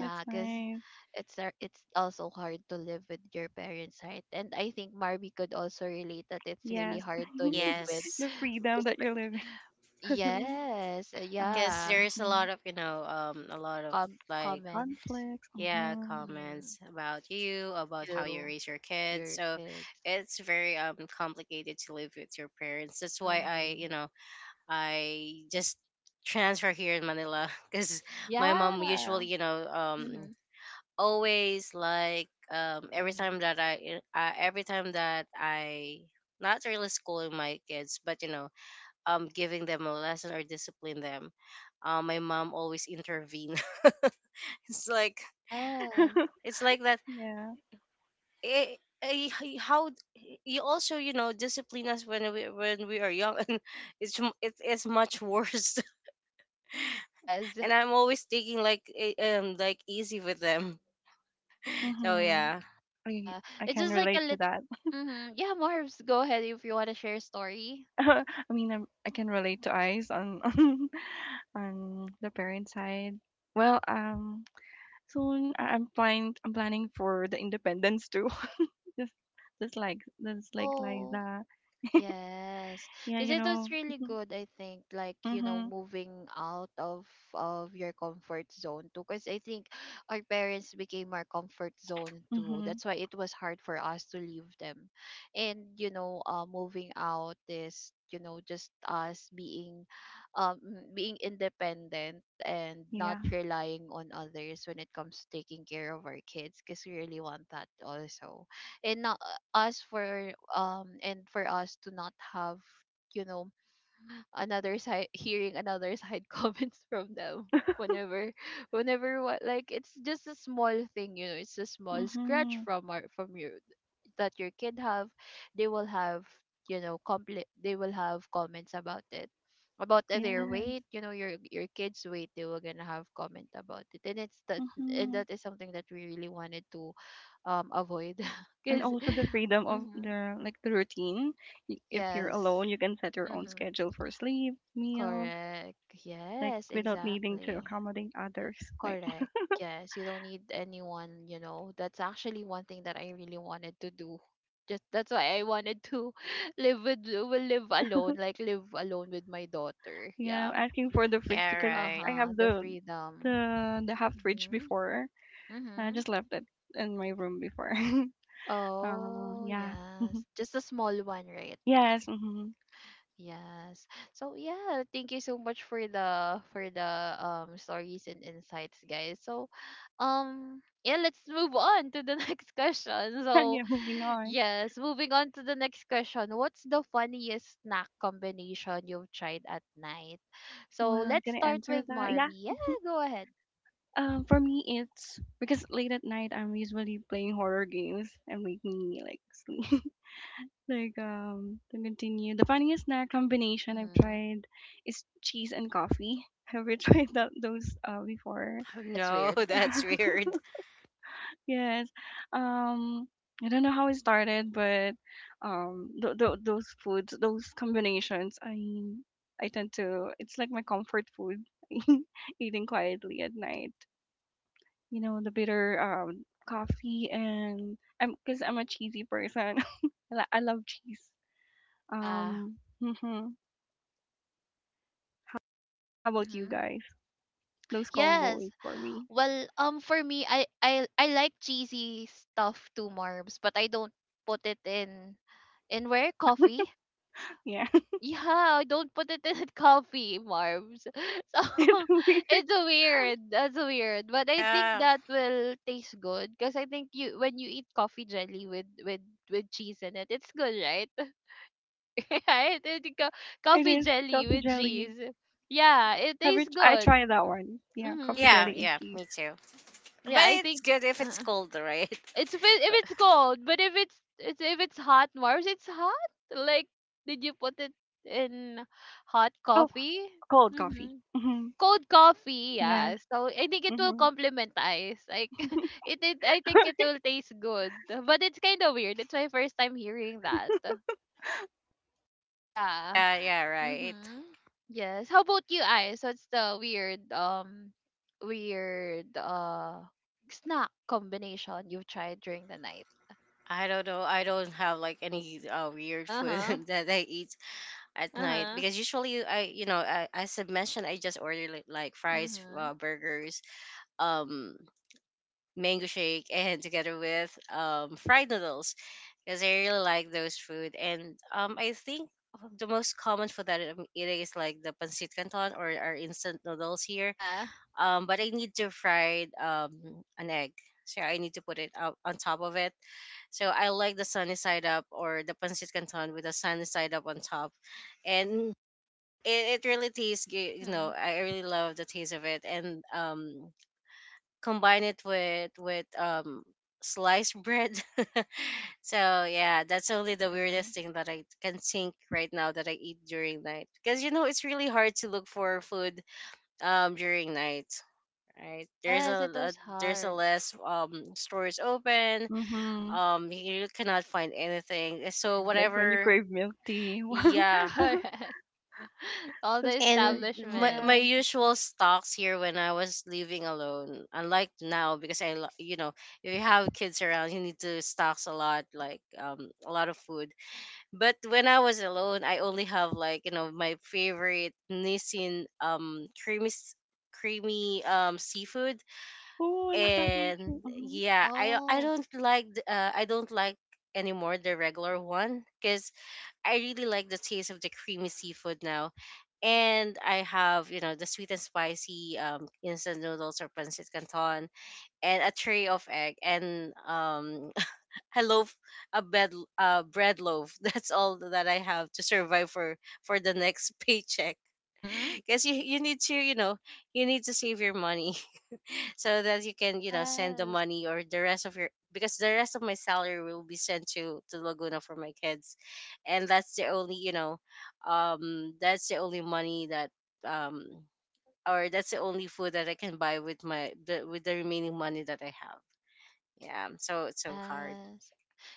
[SPEAKER 3] That's
[SPEAKER 1] because
[SPEAKER 3] nice.
[SPEAKER 1] it's also hard to live with your parents, right? And I think Marby could also relate that it's really
[SPEAKER 3] Yes.
[SPEAKER 1] hard to live with.
[SPEAKER 2] Yes,
[SPEAKER 3] The freedom that
[SPEAKER 1] Espe-
[SPEAKER 3] you're living alone.
[SPEAKER 1] yes,
[SPEAKER 3] Uh,
[SPEAKER 2] because
[SPEAKER 1] yeah.
[SPEAKER 2] there's a
[SPEAKER 3] mm-hmm.
[SPEAKER 2] lot of you know a lot of,
[SPEAKER 1] Com-
[SPEAKER 2] like,
[SPEAKER 1] comment.
[SPEAKER 3] Conflicts.
[SPEAKER 2] yeah,
[SPEAKER 3] Mm-hmm.
[SPEAKER 1] Mm-hmm.
[SPEAKER 2] comments about you, about how you
[SPEAKER 1] You,
[SPEAKER 2] raise your kids.
[SPEAKER 1] your
[SPEAKER 2] So
[SPEAKER 1] kids.
[SPEAKER 2] it's very complicated to live with your parents. That's why I
[SPEAKER 1] Mm-hmm.
[SPEAKER 2] you know I just transfer here in Manila. Because my mom
[SPEAKER 1] Yeah.
[SPEAKER 2] usually, you know,
[SPEAKER 1] Mm-hmm.
[SPEAKER 2] always, like, every
[SPEAKER 1] Mm-hmm.
[SPEAKER 2] time that I every time that I not really schooling my kids, but you know giving them a lesson or discipline them, my mom always intervene. It's like,
[SPEAKER 1] Yes.
[SPEAKER 2] it's like that.
[SPEAKER 3] Yeah.
[SPEAKER 2] eh, how d- you also, you know, discipline us when we are young, and it's it's much worse.
[SPEAKER 1] Yes.
[SPEAKER 2] And I'm always taking like like easy with them. So
[SPEAKER 3] Mm-hmm.
[SPEAKER 2] yeah.
[SPEAKER 3] I
[SPEAKER 1] Yeah.
[SPEAKER 3] I
[SPEAKER 1] It's
[SPEAKER 3] can
[SPEAKER 1] just like a
[SPEAKER 3] relate to
[SPEAKER 1] little.
[SPEAKER 3] that.
[SPEAKER 1] Hmm. Yeah, Marbs, go ahead if you want to share a story.
[SPEAKER 3] I mean, I can relate to eyes on, on the parent side. Well, soon I'm planning for the independence too. just just like
[SPEAKER 1] Oh.
[SPEAKER 3] Liza.
[SPEAKER 1] Yes,
[SPEAKER 3] Yeah,
[SPEAKER 1] because
[SPEAKER 3] you
[SPEAKER 1] it
[SPEAKER 3] know.
[SPEAKER 1] was really
[SPEAKER 3] Mhm.
[SPEAKER 1] good. I think,
[SPEAKER 3] Mhm.
[SPEAKER 1] moving out of your comfort zone too. Because I think our parents became our comfort zone too.
[SPEAKER 3] Mhm.
[SPEAKER 1] That's why it was hard for us to leave them, and moving out is just us being, um, being independent and not
[SPEAKER 3] Yeah.
[SPEAKER 1] relying on others when it comes to taking care of our kids. Because we really want that also, and not us for and for us to not have you know another side hearing another side comments from them whenever whenever what like it's just a small thing, it's a small scratch
[SPEAKER 3] Mhm.
[SPEAKER 1] from our from your that your kid have. They will have, they will have comments about it, about their
[SPEAKER 3] Yeah.
[SPEAKER 1] weight. You know, your kids' weight, they were gonna have comment about it, and it's that. And
[SPEAKER 3] Mhm.
[SPEAKER 1] that is something that we really wanted to avoid
[SPEAKER 3] And
[SPEAKER 1] because
[SPEAKER 3] also the freedom of
[SPEAKER 1] mm-hmm,
[SPEAKER 3] the like the routine. If you're
[SPEAKER 1] yes
[SPEAKER 3] alone, you can set your own
[SPEAKER 1] mm-hmm.
[SPEAKER 3] schedule for sleep, meals
[SPEAKER 1] Correct.
[SPEAKER 3] like
[SPEAKER 1] Yes,
[SPEAKER 3] without needing to
[SPEAKER 1] exactly.
[SPEAKER 3] accommodate others. Like
[SPEAKER 1] Correct. Yes, you don't need anyone, you know. That's actually one thing that I really wanted to do. Just that's why I wanted to live with will live alone, like live alone with my daughter.
[SPEAKER 3] yeah,
[SPEAKER 1] Yeah.
[SPEAKER 3] I'm asking for the fridge
[SPEAKER 2] Yeah,
[SPEAKER 3] because
[SPEAKER 2] right.
[SPEAKER 3] I
[SPEAKER 1] Uh-huh,
[SPEAKER 3] have
[SPEAKER 1] the
[SPEAKER 3] the
[SPEAKER 1] freedom.
[SPEAKER 3] the the half fridge
[SPEAKER 1] Mhm.
[SPEAKER 3] before. I
[SPEAKER 1] Mhm.
[SPEAKER 3] just left it in my room before.
[SPEAKER 1] Oh,
[SPEAKER 3] Yeah.
[SPEAKER 1] yes. Just a small one, right?
[SPEAKER 3] Yes. Hmm.
[SPEAKER 1] Yes. So yeah, thank you so much for the stories and insights, guys. So yeah, let's move on to the next question. So
[SPEAKER 3] Yeah. Moving on.
[SPEAKER 1] yes, moving on to the next question. What's the funniest snack combination you've tried at night? So
[SPEAKER 3] Well,
[SPEAKER 1] let's
[SPEAKER 3] can I
[SPEAKER 1] start
[SPEAKER 3] answer
[SPEAKER 1] with
[SPEAKER 3] that? Yeah.
[SPEAKER 1] Marvy. Yeah,
[SPEAKER 3] Mhm.
[SPEAKER 1] go ahead.
[SPEAKER 3] For me, it's because late at night I'm usually playing horror games and make me like sleep. Like, to continue, the funniest snack combination I've
[SPEAKER 1] Mm-hmm.
[SPEAKER 3] tried is cheese and coffee. Have you tried that those, before?
[SPEAKER 1] Oh, that's
[SPEAKER 2] No,
[SPEAKER 1] weird.
[SPEAKER 2] that's weird.
[SPEAKER 3] Yes. Um, I don't know how it started, but those foods, those combinations, I tend to. It's like my comfort food, eating quietly at night. You know, the bitter, coffee, and I'm because I'm a cheesy person. I love cheese.
[SPEAKER 1] Yeah.
[SPEAKER 3] Um, How about you
[SPEAKER 1] Mm-hmm.
[SPEAKER 3] guys? Those combo
[SPEAKER 1] Yes.
[SPEAKER 3] is for me.
[SPEAKER 1] Well, for me, I like cheesy stuff too, Marbs, but I don't put it in where coffee.
[SPEAKER 3] Yeah,
[SPEAKER 1] Yeah, I don't put it in coffee, Marbs. So
[SPEAKER 3] it's weird.
[SPEAKER 1] it's weird. That's weird, but I think
[SPEAKER 2] Yeah.
[SPEAKER 1] that will taste good, because I think you when you eat coffee jelly with with cheese in it, it's good, right? Right?
[SPEAKER 3] It
[SPEAKER 1] Coffee
[SPEAKER 3] is
[SPEAKER 1] jelly
[SPEAKER 3] coffee
[SPEAKER 1] with
[SPEAKER 3] jelly.
[SPEAKER 1] cheese. Yeah, it
[SPEAKER 3] Have
[SPEAKER 1] tastes
[SPEAKER 3] you? I
[SPEAKER 1] good.
[SPEAKER 3] tried that one. Yeah, coffee
[SPEAKER 1] Mhm.
[SPEAKER 2] Yeah,
[SPEAKER 3] jelly and
[SPEAKER 2] yeah,
[SPEAKER 3] cheese.
[SPEAKER 2] me too. But
[SPEAKER 1] Yeah, I
[SPEAKER 2] it's
[SPEAKER 1] think.
[SPEAKER 2] good if it's
[SPEAKER 1] Uh-uh.
[SPEAKER 2] cold, right?
[SPEAKER 1] It's if, if
[SPEAKER 2] But,
[SPEAKER 1] it's cold, but if it's, if it's hot, Mars, it's hot. Like, did you put it in hot
[SPEAKER 3] Oh,
[SPEAKER 1] coffee?
[SPEAKER 3] cold
[SPEAKER 1] Mm-hmm.
[SPEAKER 3] coffee. Hmm.
[SPEAKER 1] Cold coffee,
[SPEAKER 3] Yes.
[SPEAKER 1] yeah. So I think it will
[SPEAKER 3] Hmm.
[SPEAKER 1] complement ice. Like, it I think it will taste good, but it's kind of weird. It's my first time hearing that. Yeah.
[SPEAKER 2] yeah, yeah, right.
[SPEAKER 1] Mhm. Yes. How about you, Ice? What's the weird weird snack combination you've tried during the night?
[SPEAKER 2] I don't know. I don't have like any weird food
[SPEAKER 1] Uh-huh.
[SPEAKER 2] that I eat at night,
[SPEAKER 1] Uh-huh.
[SPEAKER 2] because usually I you know I, as I mentioned, I just order like fries,
[SPEAKER 1] Mm-hmm.
[SPEAKER 2] burgers, um, mango shake, and together with fried noodles, because I really like those food. And I think the most common food that I'm eating is like the pancit canton or our instant noodles here.
[SPEAKER 1] Uh-huh.
[SPEAKER 2] But I need to fry an egg. So I need to put it out on top of it. So I like the sunny side up or the pancit canton with the sunny side up on top. And it really tastes good. You
[SPEAKER 1] Mm-hmm.
[SPEAKER 2] know, I really love the taste of it, and combine it with sliced bread. So yeah, that's only the
[SPEAKER 1] Mm-hmm.
[SPEAKER 2] weirdest thing that I can think right now that I eat during night, because you know it's really hard to look for food during night, right?
[SPEAKER 1] Yes, it
[SPEAKER 2] A
[SPEAKER 1] was
[SPEAKER 2] there's a
[SPEAKER 1] hard.
[SPEAKER 2] less stores open.
[SPEAKER 3] Hmm.
[SPEAKER 2] You cannot find anything, so
[SPEAKER 3] Like
[SPEAKER 1] Mm-hmm.
[SPEAKER 3] when you
[SPEAKER 2] whatever.
[SPEAKER 3] crave milk tea.
[SPEAKER 2] Yeah.
[SPEAKER 1] Correct. All
[SPEAKER 3] The
[SPEAKER 1] the
[SPEAKER 3] stores.
[SPEAKER 2] And my
[SPEAKER 1] establishments.
[SPEAKER 3] Yes.
[SPEAKER 2] usual stocks here when I was living alone, unlike now, because I you know, if you have kids around, you need to stocks a lot, like a lot of food. But when I was alone, I only have like you know my favorite Nissin creamy seafood.
[SPEAKER 3] Oh, I love that one too.
[SPEAKER 2] And yeah,
[SPEAKER 1] Oh.
[SPEAKER 2] I don't like anymore the regular one, because I really like the taste of the creamy seafood now. And I have, you know, the sweet and spicy instant noodles or pancit canton, and a tray of egg, and a loaf, bread loaf. That's all that I have to survive for the next paycheck.
[SPEAKER 1] Mm-hmm.
[SPEAKER 2] Because you need to, you know, you need to save your money, so that you can you know send the
[SPEAKER 1] Yes.
[SPEAKER 2] money, or the rest of your, because the rest of my salary will be sent to Laguna for my kids. And that's the only, you know, that's the only money that, um or that's the only food that I can buy with with the remaining money that I have. Yeah, so it's so hard.
[SPEAKER 1] Yes.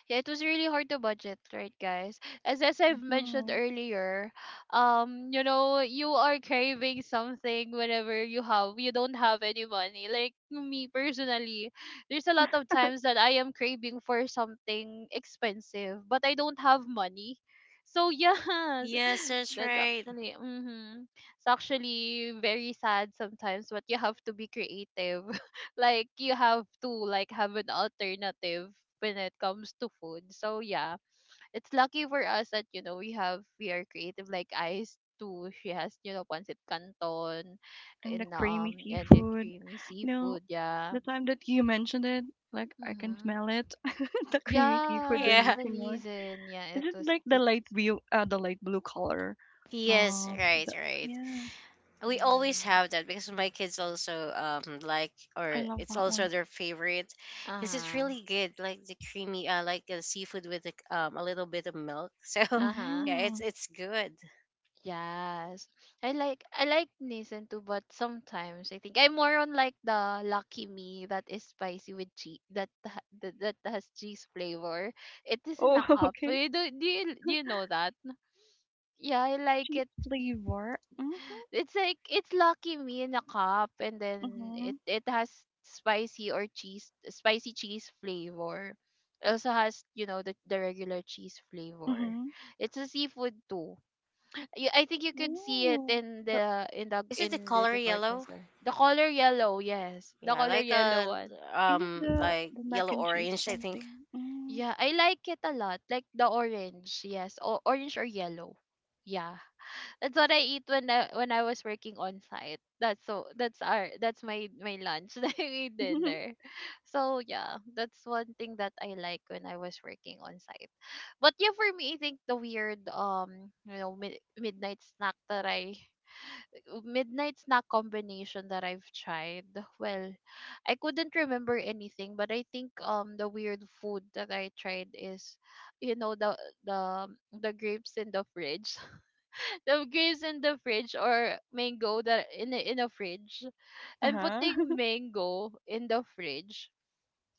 [SPEAKER 1] Yeah, it was really hard to budget, right, guys? As
[SPEAKER 3] Hmm.
[SPEAKER 1] I've mentioned
[SPEAKER 3] Hmm.
[SPEAKER 1] earlier, you know, you are craving something whenever you have you don't have any money. Like me personally, there's a lot of times that I am craving for something expensive, but I don't have money. So yeah,
[SPEAKER 2] Yes, that's
[SPEAKER 1] that's
[SPEAKER 2] right.
[SPEAKER 1] actually mhm. It's actually very sad sometimes, but you have to be creative. Like you have to like have an alternative when it comes to food. So yeah, it's lucky for us that you know we have we are creative like Ice too. She has, you know, pancit canton,
[SPEAKER 3] And the
[SPEAKER 1] and
[SPEAKER 3] creamy
[SPEAKER 1] and the
[SPEAKER 3] seafood.
[SPEAKER 1] creamy
[SPEAKER 3] You know,
[SPEAKER 1] seafood. Yeah.
[SPEAKER 3] the time that you mentioned it, like I can
[SPEAKER 1] Mhm.
[SPEAKER 3] smell it. The creamy seafood, the
[SPEAKER 1] Yes,
[SPEAKER 2] Yeah.
[SPEAKER 3] Nisi.
[SPEAKER 1] Malaysian. Yeah,
[SPEAKER 3] Is
[SPEAKER 1] it
[SPEAKER 3] it
[SPEAKER 1] was
[SPEAKER 3] like
[SPEAKER 1] it.
[SPEAKER 3] the light blue color?
[SPEAKER 2] Yes,
[SPEAKER 3] Uh,
[SPEAKER 2] right,
[SPEAKER 3] the,
[SPEAKER 2] right.
[SPEAKER 3] yeah,
[SPEAKER 2] We always
[SPEAKER 1] Mhm.
[SPEAKER 2] have that because my kids also like,
[SPEAKER 3] I
[SPEAKER 2] or
[SPEAKER 3] love
[SPEAKER 2] it's
[SPEAKER 3] that
[SPEAKER 2] also
[SPEAKER 3] one.
[SPEAKER 2] their favorite,
[SPEAKER 1] Uh
[SPEAKER 2] because it's
[SPEAKER 1] huh.
[SPEAKER 2] really good, like the creamy like the seafood, with the, a little bit of milk. So
[SPEAKER 1] Uh huh.
[SPEAKER 2] yeah,
[SPEAKER 3] Mm-hmm.
[SPEAKER 2] it's good.
[SPEAKER 1] Yes. I like Nissan too, but sometimes I think I'm more on like the Lucky Me that is spicy with cheese that, that has cheese flavor. It is in a
[SPEAKER 3] Oh,
[SPEAKER 1] cup.
[SPEAKER 3] okay.
[SPEAKER 1] Eh, Do, do you know that? Yeah, I like
[SPEAKER 3] Cheese
[SPEAKER 1] it.
[SPEAKER 3] flavor. Mm-hmm.
[SPEAKER 1] It's like it's Lucky Me in a cup, and then
[SPEAKER 3] Mm-hmm.
[SPEAKER 1] it has spicy or cheese spicy cheese flavor. It also has, you know, the regular cheese flavor.
[SPEAKER 3] Mm-hmm.
[SPEAKER 1] It's a seafood too. You, I think you could see it
[SPEAKER 3] Ooh.
[SPEAKER 1] in
[SPEAKER 3] The,
[SPEAKER 1] the in the
[SPEAKER 2] Is it the
[SPEAKER 1] in the
[SPEAKER 2] color
[SPEAKER 1] department
[SPEAKER 2] yellow?
[SPEAKER 1] store. The color yellow, yes, the
[SPEAKER 2] Yeah,
[SPEAKER 1] color
[SPEAKER 2] like
[SPEAKER 1] yellow
[SPEAKER 2] a
[SPEAKER 1] one.
[SPEAKER 3] is it the
[SPEAKER 2] like
[SPEAKER 3] the mac
[SPEAKER 2] yellow
[SPEAKER 3] and cheese
[SPEAKER 2] orange, I think.
[SPEAKER 3] something? Mm.
[SPEAKER 1] Yeah, I like it a lot. Like the orange, yes, or orange or yellow. Yeah, that's what I eat when I was working on site. That's so that's our that's my my lunch, like my dinner. So yeah, that's one thing that I like when I was working on site. But yeah, for me, I think the weird midnight snack that I midnight snack combination that I've tried, well, I couldn't remember anything, but I think the weird food that I tried is, you know, the the um, the grapes in the fridge, the grapes in the fridge or mango that in a fridge, and
[SPEAKER 3] Uh-huh.
[SPEAKER 1] putting mango in the fridge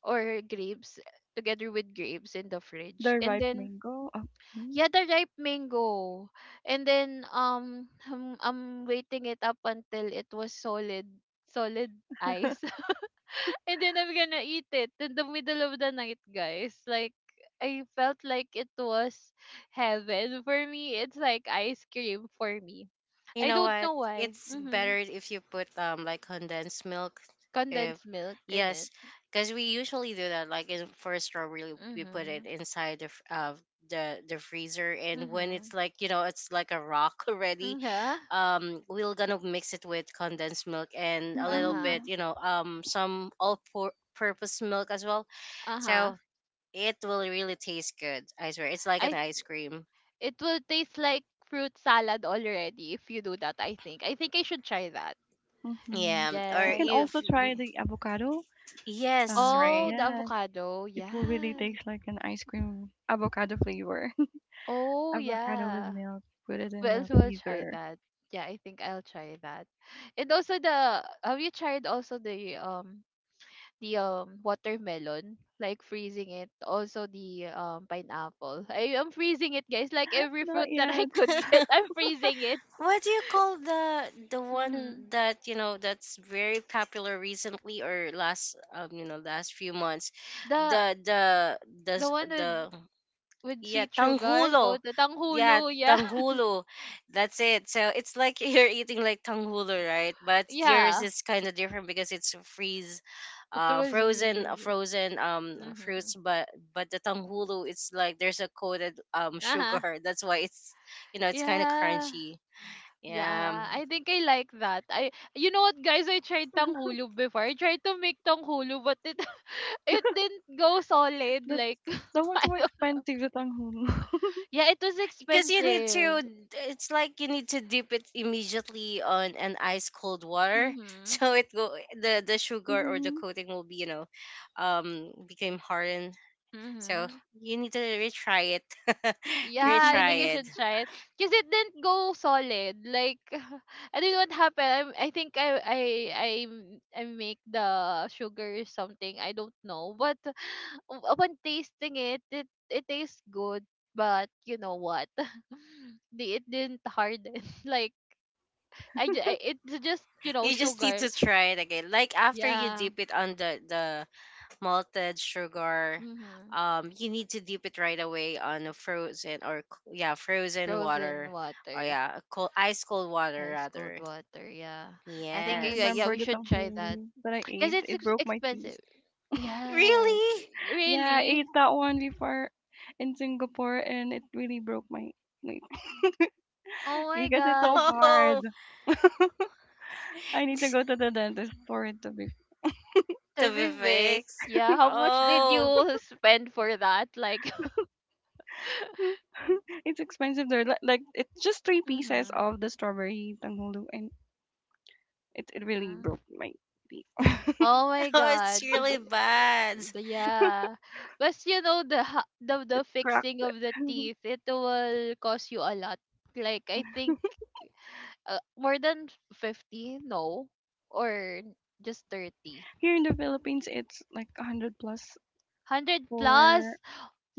[SPEAKER 1] or grapes together with grapes in the fridge,
[SPEAKER 3] The
[SPEAKER 1] and
[SPEAKER 3] ripe
[SPEAKER 1] then
[SPEAKER 3] mango. Okay.
[SPEAKER 1] yeah, the ripe mango. And then I'm waiting it up until it was solid solid ice. And then I'm gonna eat it in the middle of the night, guys. Like I felt like it was heaven for me. It's like ice cream for me.
[SPEAKER 2] You
[SPEAKER 1] I
[SPEAKER 2] know
[SPEAKER 1] don't
[SPEAKER 2] what?
[SPEAKER 1] know why.
[SPEAKER 2] It's better
[SPEAKER 1] Mhm.
[SPEAKER 2] if you put like condensed milk. If
[SPEAKER 1] Condensed milk in it.
[SPEAKER 2] Yes, because we usually do that. Like in for strawberry, we put it
[SPEAKER 1] Mhm.
[SPEAKER 2] inside the the freezer, and when it's
[SPEAKER 1] Mhm.
[SPEAKER 2] like it's like a rock already.
[SPEAKER 1] Mhm. Uh-huh.
[SPEAKER 2] We're gonna mix it with condensed milk and a little
[SPEAKER 1] Uh-huh.
[SPEAKER 2] bit,
[SPEAKER 3] Mm-hmm.
[SPEAKER 2] some all-purpose milk as well.
[SPEAKER 1] Uh-huh.
[SPEAKER 2] So it will really taste good. I swear, it's like
[SPEAKER 1] I
[SPEAKER 2] an ice cream.
[SPEAKER 1] it will taste like fruit salad already if you do that, I think. I think I should try that.
[SPEAKER 3] Mm-hmm.
[SPEAKER 2] Yeah,
[SPEAKER 3] You
[SPEAKER 2] or
[SPEAKER 1] Yes.
[SPEAKER 3] can
[SPEAKER 2] if
[SPEAKER 3] also try the avocado.
[SPEAKER 2] yes,
[SPEAKER 1] Oh,
[SPEAKER 2] right.
[SPEAKER 1] the
[SPEAKER 3] Yes,
[SPEAKER 1] avocado.
[SPEAKER 3] it will really
[SPEAKER 1] Yes.
[SPEAKER 3] taste like an ice cream avocado flavor.
[SPEAKER 1] Oh,
[SPEAKER 3] Avocado with
[SPEAKER 1] yeah.
[SPEAKER 3] milk, put it in
[SPEAKER 1] Well,
[SPEAKER 3] the
[SPEAKER 1] we'll try
[SPEAKER 3] freezer.
[SPEAKER 1] that. Yeah, I think I'll try that. And also the have you tried also the um watermelon like freezing it, also the pineapple? I am freezing it, guys. Like every fruit
[SPEAKER 3] Not
[SPEAKER 1] that I
[SPEAKER 3] yet.
[SPEAKER 1] could get I'm freezing it.
[SPEAKER 2] What do you call the
[SPEAKER 1] Mm-hmm.
[SPEAKER 2] one that that's very popular recently or last last few months?
[SPEAKER 1] the
[SPEAKER 2] The the the
[SPEAKER 1] the
[SPEAKER 2] s-
[SPEAKER 1] one with
[SPEAKER 2] the
[SPEAKER 1] With
[SPEAKER 2] Yeah,
[SPEAKER 1] sweet sugar,
[SPEAKER 2] tanghulo,
[SPEAKER 1] coated. Ang
[SPEAKER 2] yeah
[SPEAKER 1] hulo, yeah.
[SPEAKER 2] tanghulo, that's it. So it's like you're eating like tanghulo, right? But yours
[SPEAKER 1] Yeah.
[SPEAKER 2] is kind of different because it's freeze,
[SPEAKER 1] It
[SPEAKER 2] uh
[SPEAKER 1] was
[SPEAKER 2] frozen uh,
[SPEAKER 1] real.
[SPEAKER 2] frozen um
[SPEAKER 1] Mm-hmm.
[SPEAKER 2] fruits, but the tanghulo, it's like there's a coated
[SPEAKER 1] Uh-huh.
[SPEAKER 2] sugar. That's why it's you know it's kind of
[SPEAKER 1] Yeah.
[SPEAKER 2] crunchy. Yeah,
[SPEAKER 1] Yeah. I think I like that. I, you know what, guys, I tried tanghulu before. I tried to make tanghulu but it it didn't go solid
[SPEAKER 3] That
[SPEAKER 1] like
[SPEAKER 3] that was
[SPEAKER 1] I
[SPEAKER 3] so
[SPEAKER 1] don't,
[SPEAKER 3] expensive, the tanghulu.
[SPEAKER 1] yeah, it was
[SPEAKER 2] because you need
[SPEAKER 1] expensive.
[SPEAKER 2] to. It's like you need to dip it immediately on an ice cold water,
[SPEAKER 1] Mhm.
[SPEAKER 2] so it go the sugar or the
[SPEAKER 3] Mm-hmm.
[SPEAKER 2] coating will became hardened. So
[SPEAKER 1] Mhm.
[SPEAKER 2] you need to retry it,
[SPEAKER 1] Yeah, I think
[SPEAKER 3] Mm-hmm.
[SPEAKER 1] I
[SPEAKER 2] retry it.
[SPEAKER 1] should try it. Cause it didn't go solid. Like I don't know what happened. I think I m- I make the sugar or something. I don't know. But upon tasting it, it it tastes good. But you know what? The it didn't harden. Like I it's just, you know,
[SPEAKER 2] You just need
[SPEAKER 1] sugar.
[SPEAKER 2] to try it again. Like after you
[SPEAKER 1] Yeah.
[SPEAKER 2] dip it on the malted sugar,
[SPEAKER 1] Mhm.
[SPEAKER 2] you need to dip it right away on a frozen or yeah, frozen
[SPEAKER 1] Frozen
[SPEAKER 2] water. Oh
[SPEAKER 1] water,
[SPEAKER 2] yeah, cold, ice cold water
[SPEAKER 1] ice cold
[SPEAKER 2] rather.
[SPEAKER 1] water. Yeah. I
[SPEAKER 3] I
[SPEAKER 1] think yeah
[SPEAKER 2] Yes.
[SPEAKER 1] yeah
[SPEAKER 3] remember
[SPEAKER 1] we
[SPEAKER 3] the
[SPEAKER 1] should try that
[SPEAKER 3] tanghulu that I
[SPEAKER 1] because
[SPEAKER 3] ate. It broke my
[SPEAKER 1] expensive.
[SPEAKER 3] teeth.
[SPEAKER 1] Yes.
[SPEAKER 2] Really?
[SPEAKER 1] Eh,
[SPEAKER 3] Yeah, I ate
[SPEAKER 1] really?
[SPEAKER 3] that one before in Singapore, and it really broke my my
[SPEAKER 1] Oh my
[SPEAKER 3] because it's so
[SPEAKER 1] god.
[SPEAKER 3] hard.
[SPEAKER 2] Oh,
[SPEAKER 3] I need to go to the dentist for it to be.
[SPEAKER 1] To
[SPEAKER 2] to be
[SPEAKER 1] be fixed.
[SPEAKER 2] fixed.
[SPEAKER 1] Yeah. How much did
[SPEAKER 2] Oh,
[SPEAKER 1] you spend for that? Like
[SPEAKER 3] It's expensive there. Like it's just three pieces
[SPEAKER 1] Mm-hmm.
[SPEAKER 3] of the strawberry tanghulu, and it really
[SPEAKER 1] Mm-hmm.
[SPEAKER 3] broke my teeth.
[SPEAKER 1] Oh my
[SPEAKER 2] oh, it's
[SPEAKER 1] god.
[SPEAKER 2] really bad.
[SPEAKER 1] The- yeah. But you know the
[SPEAKER 3] It
[SPEAKER 1] fixing
[SPEAKER 3] cracked it.
[SPEAKER 1] of the teeth, it will cost you a lot. Like I think more than 50, no. Or just 30.
[SPEAKER 3] Here in the Philippines, it's like 100 plus
[SPEAKER 1] 100
[SPEAKER 3] for,
[SPEAKER 1] plus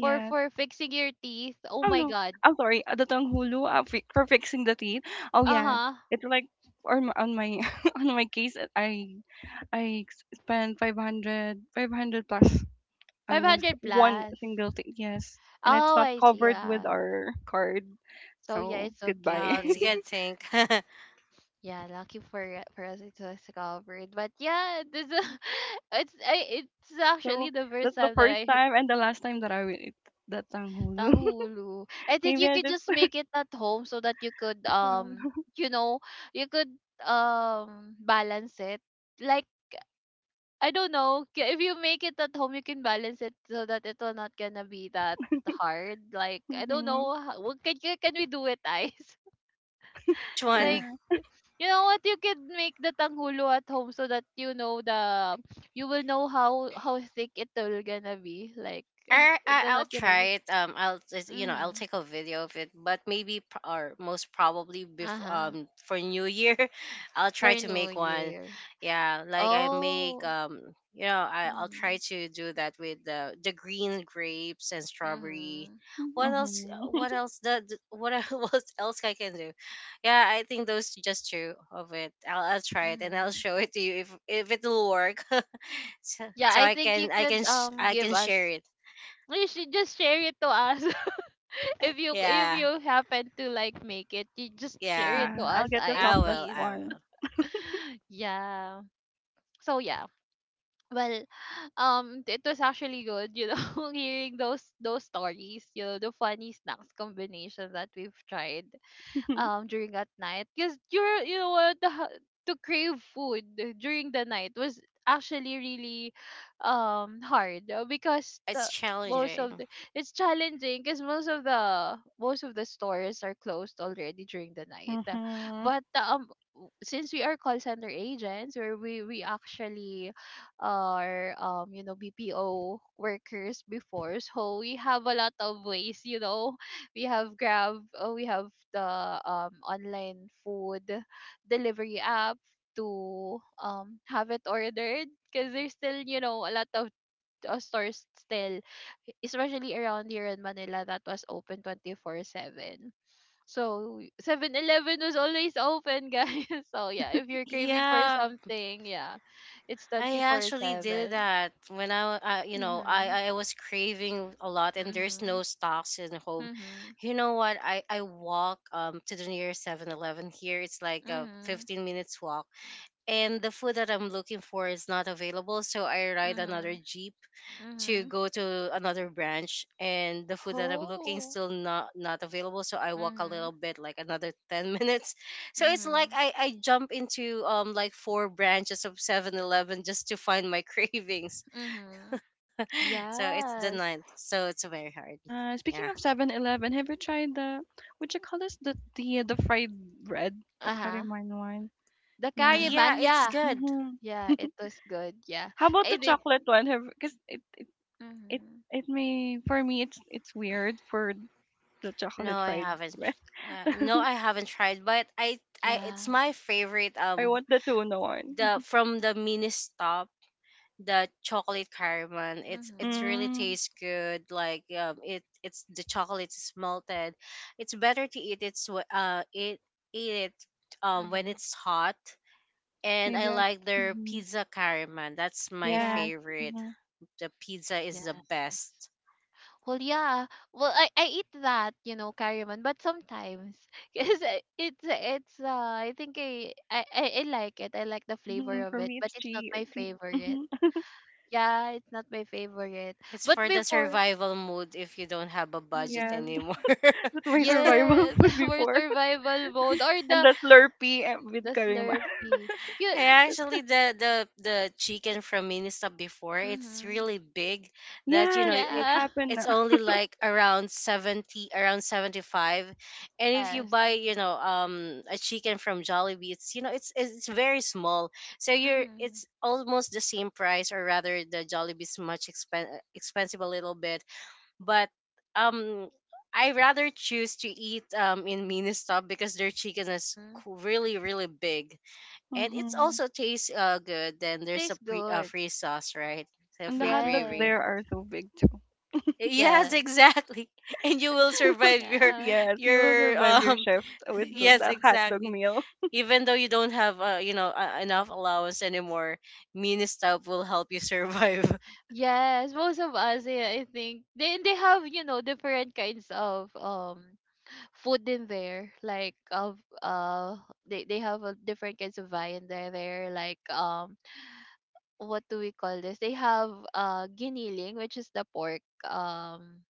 [SPEAKER 1] for fixing your teeth. Oh
[SPEAKER 3] Oh,
[SPEAKER 1] my
[SPEAKER 3] no.
[SPEAKER 1] god.
[SPEAKER 3] I'm sorry. The tanghulu, for fixing the teeth. Oh, yeah.
[SPEAKER 1] Uh-huh.
[SPEAKER 3] It's like on my on my case, I spent five hundred plus on those
[SPEAKER 1] 500
[SPEAKER 3] one
[SPEAKER 1] plus.
[SPEAKER 3] single thing, yes, and it's
[SPEAKER 1] Oh,
[SPEAKER 3] not
[SPEAKER 1] I see.
[SPEAKER 3] covered with
[SPEAKER 1] Yeah.
[SPEAKER 3] our card,
[SPEAKER 1] So yeah,
[SPEAKER 3] so
[SPEAKER 1] it's
[SPEAKER 3] goodbye.
[SPEAKER 2] Oh, it's a
[SPEAKER 1] okay.
[SPEAKER 2] good thing. Which
[SPEAKER 1] Yeah, lucky for us it was covered. But yeah, this is it's
[SPEAKER 3] So
[SPEAKER 1] actually the first
[SPEAKER 3] that's the
[SPEAKER 1] time that
[SPEAKER 3] first
[SPEAKER 1] I heard
[SPEAKER 3] time and the last time that I will eat that tanghulu.
[SPEAKER 1] tanghulu. I think
[SPEAKER 3] Maybe
[SPEAKER 1] you
[SPEAKER 3] I
[SPEAKER 1] could
[SPEAKER 3] just.
[SPEAKER 1] just make it at home so that you could you know you could balance it. Like I don't know if you make it at home, you can balance it so that it will not gonna be that hard. Like I don't
[SPEAKER 3] Hmm.
[SPEAKER 1] know, what can we do it, ice?
[SPEAKER 2] one?
[SPEAKER 1] Like,
[SPEAKER 3] Yeah.
[SPEAKER 1] you know what? You could make the tanghulo at home so that you know the you will know how thick it will gonna be. Like,
[SPEAKER 2] I,
[SPEAKER 1] it's
[SPEAKER 2] I I'll
[SPEAKER 1] not gonna
[SPEAKER 2] try
[SPEAKER 1] be.
[SPEAKER 2] it. I'll just, I'll
[SPEAKER 1] Mhm.
[SPEAKER 2] take a video of it, but maybe pr- or most probably
[SPEAKER 1] Uh
[SPEAKER 2] before
[SPEAKER 1] huh.
[SPEAKER 2] for New Year, I'll
[SPEAKER 1] For
[SPEAKER 2] try to
[SPEAKER 1] New
[SPEAKER 2] make one.
[SPEAKER 1] Year.
[SPEAKER 2] Yeah, like I make
[SPEAKER 1] Oh.
[SPEAKER 2] I'll try
[SPEAKER 1] Mhm.
[SPEAKER 2] to do that with the green grapes and strawberry.
[SPEAKER 1] Mhm.
[SPEAKER 2] What else?
[SPEAKER 3] Hmm.
[SPEAKER 2] What else? The what what else I can do? Yeah, I think those just two of it. I'll try it and I'll
[SPEAKER 1] Mhm.
[SPEAKER 2] show it to you if it will work. so,
[SPEAKER 1] Yeah,
[SPEAKER 2] so
[SPEAKER 1] I think you could
[SPEAKER 2] I
[SPEAKER 1] give
[SPEAKER 2] can share
[SPEAKER 1] us.
[SPEAKER 2] it.
[SPEAKER 1] You should just share it to us. if you if
[SPEAKER 2] Yeah,
[SPEAKER 1] you happen to like make it, you just share it
[SPEAKER 2] yeah.
[SPEAKER 1] to
[SPEAKER 3] Yeah, I'll
[SPEAKER 1] us,
[SPEAKER 3] get the
[SPEAKER 2] I
[SPEAKER 1] eyes,
[SPEAKER 3] softest
[SPEAKER 2] will,
[SPEAKER 1] please.
[SPEAKER 2] I
[SPEAKER 3] one.
[SPEAKER 2] will.
[SPEAKER 1] yeah. So yeah. Well, it was actually good, you know, hearing those stories, you know, the funny snacks combinations that we've tried during at night because you're you know what the ha- to crave food during the night was actually really hard, because
[SPEAKER 2] It's
[SPEAKER 1] the most
[SPEAKER 2] challenging.
[SPEAKER 1] of the it's challenging because most of the stores are closed already during the night.
[SPEAKER 3] Hmm.
[SPEAKER 1] But um since we are call center agents where we actually are, you know, BPO workers before, so we have a lot of ways, you know, we have Grab, we have the online food delivery app to have it ordered, because there's still, you know, a lot of stores still, especially around here in Manila that was open 24/7. So 7-Eleven was always open, guys. So yeah, if you're craving for
[SPEAKER 2] Yeah,
[SPEAKER 1] something, yeah, it's
[SPEAKER 2] I actually did
[SPEAKER 1] 24/7.
[SPEAKER 2] that when I, you know,
[SPEAKER 1] Mhm.
[SPEAKER 2] I was craving a lot, and there's
[SPEAKER 1] Mhm.
[SPEAKER 2] no stocks in home.
[SPEAKER 1] Mhm.
[SPEAKER 2] You know what? I walk to the nearest 7-Eleven here. It's like a
[SPEAKER 1] Mhm.
[SPEAKER 2] 15 minutes walk, and the food that I'm looking for is not available, so I ride another
[SPEAKER 1] Mhm.
[SPEAKER 2] jeep to
[SPEAKER 1] Mhm.
[SPEAKER 2] go to another branch, and the food that I'm looking
[SPEAKER 1] Oh.
[SPEAKER 2] still not available, so I walk a
[SPEAKER 1] Mhm.
[SPEAKER 2] little bit like another 10 minutes, so it's like
[SPEAKER 1] Mhm.
[SPEAKER 2] I jump into like four branches of 7-Eleven just to find my cravings,
[SPEAKER 1] Mhm.
[SPEAKER 2] so it's the ninth,
[SPEAKER 1] Yes.
[SPEAKER 2] so it's very hard.
[SPEAKER 3] Yeah.
[SPEAKER 2] Yeah,
[SPEAKER 3] Speaking of 7-Eleven, have you tried the what you call this, the fried bread, the
[SPEAKER 1] Uh-huh.
[SPEAKER 3] Kariman one?
[SPEAKER 1] The Carry
[SPEAKER 2] yeah,
[SPEAKER 3] Yeah.
[SPEAKER 1] man,
[SPEAKER 2] it's
[SPEAKER 1] yeah.
[SPEAKER 2] good.
[SPEAKER 3] Hmm.
[SPEAKER 1] Yeah, it was good. Yeah.
[SPEAKER 3] How about
[SPEAKER 1] I
[SPEAKER 3] the
[SPEAKER 1] be.
[SPEAKER 3] chocolate one? Have Because it
[SPEAKER 1] Mhm.
[SPEAKER 3] it may, for me it's weird for the
[SPEAKER 2] No,
[SPEAKER 3] chocolate
[SPEAKER 2] I
[SPEAKER 3] fried
[SPEAKER 2] haven't.
[SPEAKER 3] bread.
[SPEAKER 2] No, I haven't tried, but I it's
[SPEAKER 1] Yeah.
[SPEAKER 2] my favorite
[SPEAKER 3] I want the tuna one.
[SPEAKER 2] the from the mini stop, the chocolate caramel. It's
[SPEAKER 1] Mhm.
[SPEAKER 2] really
[SPEAKER 3] Mm,
[SPEAKER 2] tastes good. Like it's the chocolate is melted. It's better to eat it eat it when
[SPEAKER 1] Mhm.
[SPEAKER 2] it's hot. And
[SPEAKER 3] maybe
[SPEAKER 2] I
[SPEAKER 3] I.
[SPEAKER 2] like their
[SPEAKER 3] Mhm.
[SPEAKER 2] pizza caramel. That's my
[SPEAKER 1] Yeah.
[SPEAKER 3] Yes.
[SPEAKER 2] favorite.
[SPEAKER 3] Mhm.
[SPEAKER 2] The pizza is the
[SPEAKER 1] Yes.
[SPEAKER 2] best.
[SPEAKER 1] Well, yeah. Well, I eat that, you know, carryman, but sometimes cause it's I think, I like it. I like the flavor
[SPEAKER 3] Mhm.
[SPEAKER 1] of
[SPEAKER 3] For
[SPEAKER 1] it,
[SPEAKER 3] me,
[SPEAKER 1] but
[SPEAKER 3] it's
[SPEAKER 1] it's not
[SPEAKER 3] chi.
[SPEAKER 1] my favorite.
[SPEAKER 3] Mhm.
[SPEAKER 1] Yeah, it's not my favorite.
[SPEAKER 2] It's
[SPEAKER 1] But
[SPEAKER 2] for the
[SPEAKER 1] before,
[SPEAKER 2] survival mode if you don't have a budget
[SPEAKER 3] Yes.
[SPEAKER 2] anymore.
[SPEAKER 3] That's my survival
[SPEAKER 1] yes,
[SPEAKER 3] food
[SPEAKER 1] for
[SPEAKER 3] before.
[SPEAKER 1] survival mode or
[SPEAKER 3] And the Slurpee, with
[SPEAKER 1] the
[SPEAKER 3] karima.
[SPEAKER 1] Slurpee. You,
[SPEAKER 2] Hey, actually, the chicken from Minnesota before it's
[SPEAKER 1] mm-hmm.
[SPEAKER 2] really big. That
[SPEAKER 3] Yes. What
[SPEAKER 2] it
[SPEAKER 1] Yeah.
[SPEAKER 3] happened?
[SPEAKER 2] it's
[SPEAKER 3] Na?
[SPEAKER 2] only like around 70, around 75, and if you
[SPEAKER 1] Yes.
[SPEAKER 2] buy, a chicken from Jollibee, it's very small. So
[SPEAKER 1] Mm-hmm.
[SPEAKER 2] it's almost the same price, or rather, the Jollibee is much expensive a little bit, but um I rather choose to eat in Ministop because their chicken is
[SPEAKER 1] Mm-hmm.
[SPEAKER 2] really really big, and it's
[SPEAKER 3] Mhm.
[SPEAKER 2] also tastes good. Then
[SPEAKER 1] They
[SPEAKER 2] there's a
[SPEAKER 1] taste
[SPEAKER 2] pre
[SPEAKER 1] good.
[SPEAKER 2] free sauce, right? The
[SPEAKER 3] And the
[SPEAKER 2] free
[SPEAKER 3] hot dogs
[SPEAKER 2] gravy.
[SPEAKER 3] there
[SPEAKER 1] Yes.
[SPEAKER 3] are so big too.
[SPEAKER 2] Yes,
[SPEAKER 1] Yes.
[SPEAKER 2] exactly. And you will survive your
[SPEAKER 1] Yeah.
[SPEAKER 3] Yes, you will
[SPEAKER 2] your
[SPEAKER 3] survive your
[SPEAKER 2] um
[SPEAKER 3] shift with
[SPEAKER 2] yes,
[SPEAKER 3] that
[SPEAKER 1] Mm-hmm.
[SPEAKER 3] hot dog
[SPEAKER 2] exactly.
[SPEAKER 3] meal.
[SPEAKER 2] Even though you don't have enough allowance anymore, Ministop will help you survive.
[SPEAKER 1] Yes, most of us, yeah, I think they have, you know, different kinds of food in there. Like of they have, different kinds of viand there. There like, what do we call this? They have giniling, which is the pork.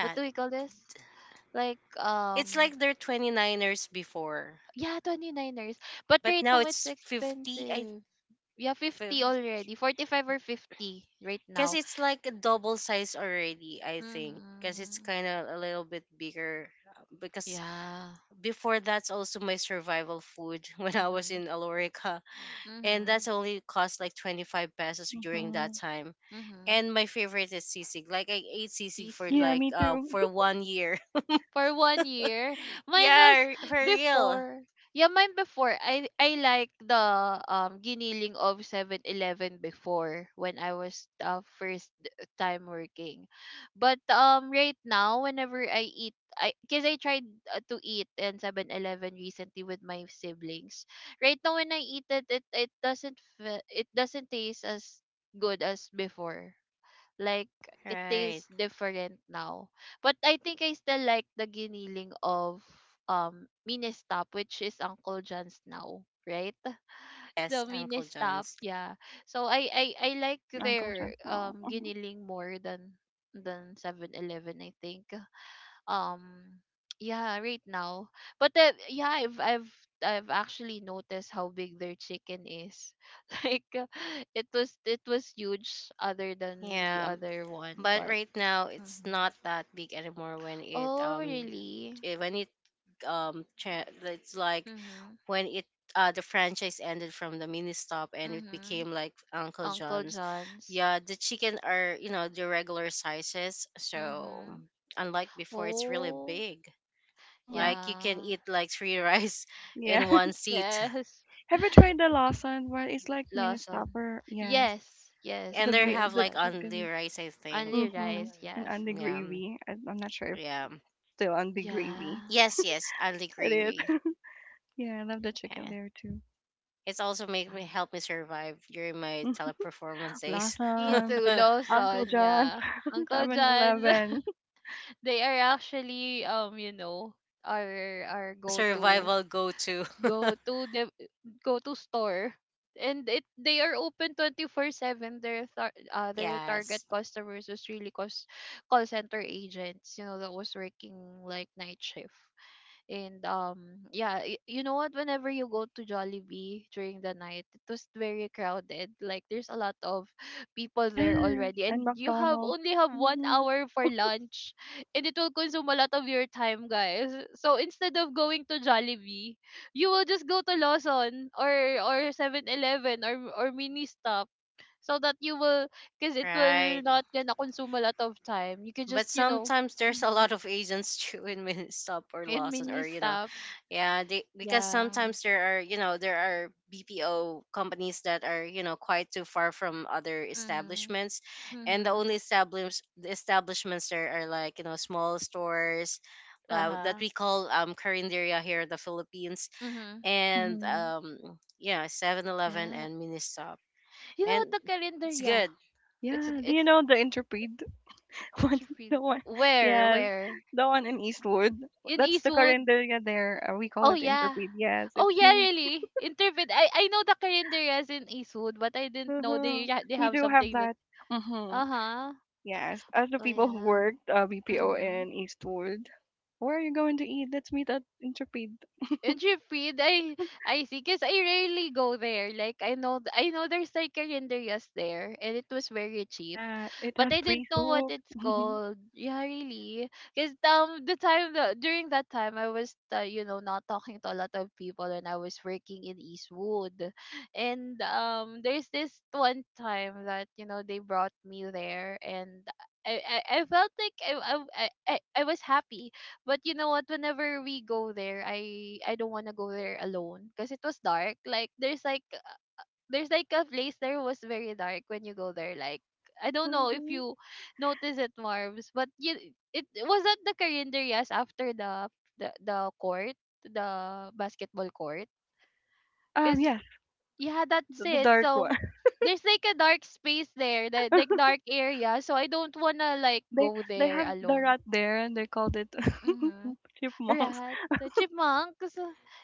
[SPEAKER 1] What do we call this? Like,
[SPEAKER 2] It's like they're 29ers before,
[SPEAKER 1] yeah, 29ers. But
[SPEAKER 2] but
[SPEAKER 1] right
[SPEAKER 2] now
[SPEAKER 1] now it's
[SPEAKER 2] it's 50 I
[SPEAKER 1] expensive. Yeah,
[SPEAKER 2] because
[SPEAKER 1] 50 already. 45 or 50 right now.
[SPEAKER 2] it's like a double size already, I think. Because it's
[SPEAKER 1] Mhm.
[SPEAKER 2] kind of a little bit bigger. Because
[SPEAKER 1] Yeah.
[SPEAKER 2] before, that's also my survival food when I was
[SPEAKER 1] Mhm.
[SPEAKER 2] in Alorica. And
[SPEAKER 1] Mhm.
[SPEAKER 2] that's only cost like 25 pesos during that
[SPEAKER 3] Mhm.
[SPEAKER 2] time.
[SPEAKER 1] Mhm.
[SPEAKER 2] And my favorite is sisig. Like I ate sisig for
[SPEAKER 1] Sisig.
[SPEAKER 3] Yeah,
[SPEAKER 2] like
[SPEAKER 3] me too.
[SPEAKER 2] for one year.
[SPEAKER 1] For 1 year. Mine was
[SPEAKER 2] yeah, for real.
[SPEAKER 1] before. Yeah, mine before. I like the giniling of 7-Eleven before when I was, first time working. But right now, whenever I eat, I cuz I tried to eat in 7-Eleven recently with my siblings. Right now when I eat it, it, it doesn't fe- it doesn't taste as good as before, like it
[SPEAKER 2] Right.
[SPEAKER 1] tastes different now. But I think I still like the giniling of Ministop, which is Uncle John's now, right?
[SPEAKER 2] Yes,
[SPEAKER 1] The
[SPEAKER 2] Uncle
[SPEAKER 1] Ministop,
[SPEAKER 2] John's.
[SPEAKER 1] yeah. So I like
[SPEAKER 3] Mm, Uncle
[SPEAKER 1] their
[SPEAKER 3] John. Now. Mhm.
[SPEAKER 1] giniling more than 7-Eleven, I think. Um yeah, right now. But the, yeah, I've actually noticed how big their chicken is. Like, it was huge other than the
[SPEAKER 2] Yeah,
[SPEAKER 1] other one,
[SPEAKER 2] but
[SPEAKER 1] but
[SPEAKER 2] right now it's
[SPEAKER 1] mhm.
[SPEAKER 2] not that big anymore. When it
[SPEAKER 1] Oh, really?
[SPEAKER 2] it, when it um, cha- it's like
[SPEAKER 1] Mhm.
[SPEAKER 2] when it the franchise ended from the mini stop and it
[SPEAKER 1] Mhm.
[SPEAKER 2] became like Uncle
[SPEAKER 1] Uncle
[SPEAKER 2] John's.
[SPEAKER 1] John's.
[SPEAKER 2] Yeah, the chicken are the regular sizes. So
[SPEAKER 1] Mhm.
[SPEAKER 2] unlike before, it's really
[SPEAKER 1] Oh,
[SPEAKER 2] big.
[SPEAKER 3] Mm.
[SPEAKER 2] Like you can
[SPEAKER 1] yeah.
[SPEAKER 2] eat like three rice
[SPEAKER 3] Yeah.
[SPEAKER 2] in one seat,
[SPEAKER 1] Yes.
[SPEAKER 3] Have you tried the Lawson one? It's like mini
[SPEAKER 1] Lawson.
[SPEAKER 3] stopper. Yes.
[SPEAKER 1] Yes. Yes.
[SPEAKER 2] and they
[SPEAKER 1] Chloe
[SPEAKER 2] have
[SPEAKER 3] The
[SPEAKER 2] like
[SPEAKER 1] tried.
[SPEAKER 2] only
[SPEAKER 3] chicken.
[SPEAKER 2] rice, I think.
[SPEAKER 1] Only
[SPEAKER 3] Mhm,
[SPEAKER 1] rice.
[SPEAKER 3] and
[SPEAKER 1] Yes.
[SPEAKER 3] on the
[SPEAKER 2] Yeah,
[SPEAKER 3] gravy. I'm not sure if
[SPEAKER 2] yeah.
[SPEAKER 3] still on the gravy.
[SPEAKER 1] Yeah.
[SPEAKER 2] Yes, yes, I'll
[SPEAKER 3] It
[SPEAKER 2] agree.
[SPEAKER 3] is. Yeah, I love the chicken
[SPEAKER 2] Yeah.
[SPEAKER 3] there too.
[SPEAKER 2] It's also
[SPEAKER 1] Yeah.
[SPEAKER 2] made me help me survive during my teleperformance days.
[SPEAKER 1] Me
[SPEAKER 3] Lawson,
[SPEAKER 1] too.
[SPEAKER 3] Uncle
[SPEAKER 1] Lawson.
[SPEAKER 3] John's,
[SPEAKER 1] Yeah. Uncle
[SPEAKER 3] Seven
[SPEAKER 1] John's.
[SPEAKER 3] Eleven.
[SPEAKER 1] They are actually, you know, our go to
[SPEAKER 2] Survival go to.
[SPEAKER 1] go to the go to store, and it they are open 24/7. Their their target
[SPEAKER 2] Yes.
[SPEAKER 1] customers was really call center agents, you know, that was working like night shift. And yeah, you know what, whenever you go to Jollibee during the night, it was very crowded, like there's a lot of people there
[SPEAKER 3] Yes,
[SPEAKER 1] already, and
[SPEAKER 3] and
[SPEAKER 1] you
[SPEAKER 3] McDonald's.
[SPEAKER 1] have 1
[SPEAKER 3] Mhm,
[SPEAKER 1] hour for lunch, and it will consume a lot of your time, guys. So instead of going to Jollibee, you will just go to Lawson or 7-Eleven or mini stop, so that you will, because it will
[SPEAKER 2] Right.
[SPEAKER 1] not gonna consume a lot of time. You can
[SPEAKER 2] But
[SPEAKER 1] just, you know,
[SPEAKER 2] sometimes there's a
[SPEAKER 1] mm-hmm,
[SPEAKER 2] lot of agents too in stop or
[SPEAKER 1] in
[SPEAKER 2] Lawson,
[SPEAKER 1] mini
[SPEAKER 2] or
[SPEAKER 1] stop.
[SPEAKER 2] yeah, they, because
[SPEAKER 1] Yeah.
[SPEAKER 2] sometimes there are, there are BPO companies that are, quite too far from other
[SPEAKER 1] Mhm.
[SPEAKER 2] establishments, and the
[SPEAKER 1] Mhm.
[SPEAKER 2] only establishments there are like, small stores,
[SPEAKER 1] Uh
[SPEAKER 2] that
[SPEAKER 1] huh.
[SPEAKER 2] we call carinderia here in the Philippines,
[SPEAKER 1] Mhm.
[SPEAKER 2] and
[SPEAKER 3] mhm.
[SPEAKER 2] yeah, 7-Eleven 11
[SPEAKER 1] Yeah.
[SPEAKER 2] and Ministop,
[SPEAKER 1] You know
[SPEAKER 2] and
[SPEAKER 1] what the calendar?
[SPEAKER 2] it's
[SPEAKER 1] Yeah.
[SPEAKER 2] good.
[SPEAKER 1] It's
[SPEAKER 3] Yeah, do you know the Intrepid? One,
[SPEAKER 1] intervened.
[SPEAKER 3] the one,
[SPEAKER 1] Where
[SPEAKER 3] yes,
[SPEAKER 1] where
[SPEAKER 3] the one in Eastwood.
[SPEAKER 1] in
[SPEAKER 3] That's the
[SPEAKER 1] Eastwood?
[SPEAKER 3] Carinderia there. We call
[SPEAKER 1] Oh
[SPEAKER 3] it
[SPEAKER 1] yeah.
[SPEAKER 3] Intrepid. Yes,
[SPEAKER 1] Oh
[SPEAKER 3] it's
[SPEAKER 1] yeah,
[SPEAKER 3] named.
[SPEAKER 1] really? Intervened. I know the calendar is in Eastwood, but I didn't know they
[SPEAKER 3] Mhm.
[SPEAKER 1] they
[SPEAKER 3] We
[SPEAKER 1] have
[SPEAKER 3] do have
[SPEAKER 1] something that.
[SPEAKER 3] that. Hmm.
[SPEAKER 1] Uh-huh.
[SPEAKER 3] Yes, as the
[SPEAKER 1] Oh
[SPEAKER 3] people who
[SPEAKER 1] yeah.
[SPEAKER 3] worked, BPO
[SPEAKER 1] Mm-hmm.
[SPEAKER 3] in Eastwood, where are you going to eat? Let's meet at Intrepid.
[SPEAKER 1] And Jeffrey, I see, cause I rarely go there. Like I know, I know there's like a renderias there, and it was very cheap.
[SPEAKER 3] Yeah, it
[SPEAKER 1] But
[SPEAKER 3] has
[SPEAKER 1] I didn't
[SPEAKER 3] free
[SPEAKER 1] know what
[SPEAKER 3] soup.
[SPEAKER 1] it's called. Yeah, really. Because, during that time, I was, you know, not talking to a lot of people, and I was working in Eastwood, and there's this one time that, you know, they brought me there, and I felt like, I was happy, but you know what? Whenever we go there, I don't wanna go there alone because it was dark. Like there's like a place there was very dark when you go there. Like I don't know if
[SPEAKER 3] Mhm.
[SPEAKER 1] you notice it, Marv's, but you, it was at the Carinderias after the court, the basketball court, because
[SPEAKER 3] Yes,
[SPEAKER 1] yeah, that's
[SPEAKER 3] the
[SPEAKER 1] it.
[SPEAKER 3] dark
[SPEAKER 1] So
[SPEAKER 3] one.
[SPEAKER 1] there's like a dark space there, the like dark area. So I don't wanna like
[SPEAKER 3] They
[SPEAKER 1] go
[SPEAKER 3] they
[SPEAKER 1] there
[SPEAKER 3] have the
[SPEAKER 1] alone.
[SPEAKER 3] rat there, and they called it
[SPEAKER 1] Mm-hmm.
[SPEAKER 3] chipmunks
[SPEAKER 1] Rat, the chipmunks.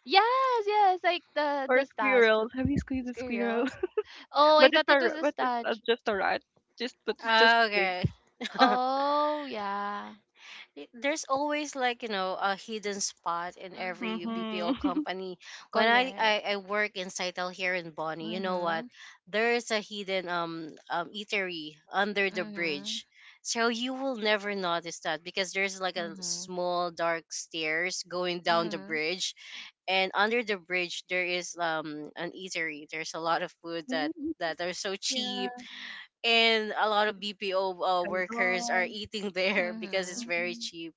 [SPEAKER 1] Yes, yes, like the
[SPEAKER 3] or
[SPEAKER 1] statue,
[SPEAKER 3] squirrels. Have you seen the squirrel?
[SPEAKER 1] girls. Oh, I
[SPEAKER 3] But it's
[SPEAKER 1] thought it was a
[SPEAKER 3] but it's,
[SPEAKER 1] statue.
[SPEAKER 3] just a rat. Just but it's just
[SPEAKER 2] Ah,
[SPEAKER 3] big.
[SPEAKER 2] okay.
[SPEAKER 1] Oh, yeah.
[SPEAKER 2] There's always like a hidden spot in every
[SPEAKER 1] Mhm.
[SPEAKER 2] BPO
[SPEAKER 3] Mm-hmm.
[SPEAKER 2] company. When I I,
[SPEAKER 1] Correct.
[SPEAKER 2] I work in Saitel here in Bonnie, you know what?
[SPEAKER 1] Mhm.
[SPEAKER 2] There is a hidden eatery under the
[SPEAKER 1] Mhm.
[SPEAKER 2] bridge, so you will never notice that because there's like a
[SPEAKER 1] Mhm.
[SPEAKER 2] small dark stairs going down the
[SPEAKER 1] Mhm.
[SPEAKER 2] bridge, and under the bridge there is an eatery. There's a lot of food that that are so
[SPEAKER 3] Yeah,
[SPEAKER 2] cheap, and a lot
[SPEAKER 3] it's
[SPEAKER 2] of BPO workers are
[SPEAKER 3] canton.
[SPEAKER 2] eating there because it's
[SPEAKER 1] Mhm.
[SPEAKER 2] very
[SPEAKER 3] Hmm.
[SPEAKER 2] cheap,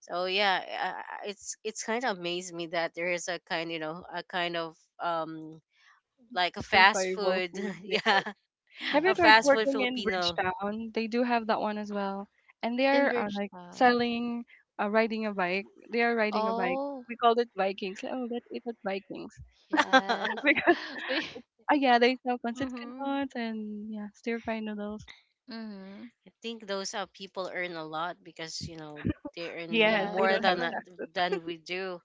[SPEAKER 2] so yeah, it's kind of amazed me that there is a kind, a kind of like a fast
[SPEAKER 3] Survival
[SPEAKER 2] food,
[SPEAKER 3] food. Yeah.
[SPEAKER 2] yeah,
[SPEAKER 3] Have you
[SPEAKER 2] a
[SPEAKER 3] tried
[SPEAKER 2] fast food
[SPEAKER 1] Yes.
[SPEAKER 3] working in
[SPEAKER 2] Filipino.
[SPEAKER 3] Bridgetown? They do have that one as well, and they
[SPEAKER 1] In
[SPEAKER 3] are, like
[SPEAKER 1] Bridgetown.
[SPEAKER 3] selling, riding a bike. They are riding a bike.
[SPEAKER 1] Oh,
[SPEAKER 3] We called it Vikings. Like, oh, that it was Vikings
[SPEAKER 1] yes.
[SPEAKER 3] because
[SPEAKER 1] We.
[SPEAKER 3] it, yeah, they sell pancit
[SPEAKER 1] Mhm.
[SPEAKER 3] cannots and yeah, stir fry noodles.
[SPEAKER 1] Mhm.
[SPEAKER 2] I think those people earn a lot because they earn
[SPEAKER 3] Yes, they
[SPEAKER 2] more
[SPEAKER 3] don't
[SPEAKER 1] Yes.
[SPEAKER 3] have tax.
[SPEAKER 2] than we do.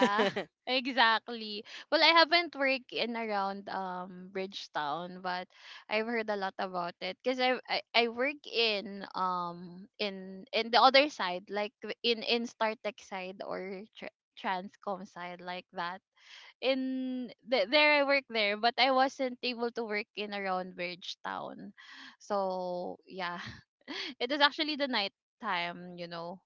[SPEAKER 1] exactly. Well, I haven't worked in around Bridgetown, but I've heard a lot about it because, I work in in the other side, like in StarTech side or Transcom side, like that there I work there, but I wasn't able to work in around Bridgetown. So yeah, it is actually the night time, you know,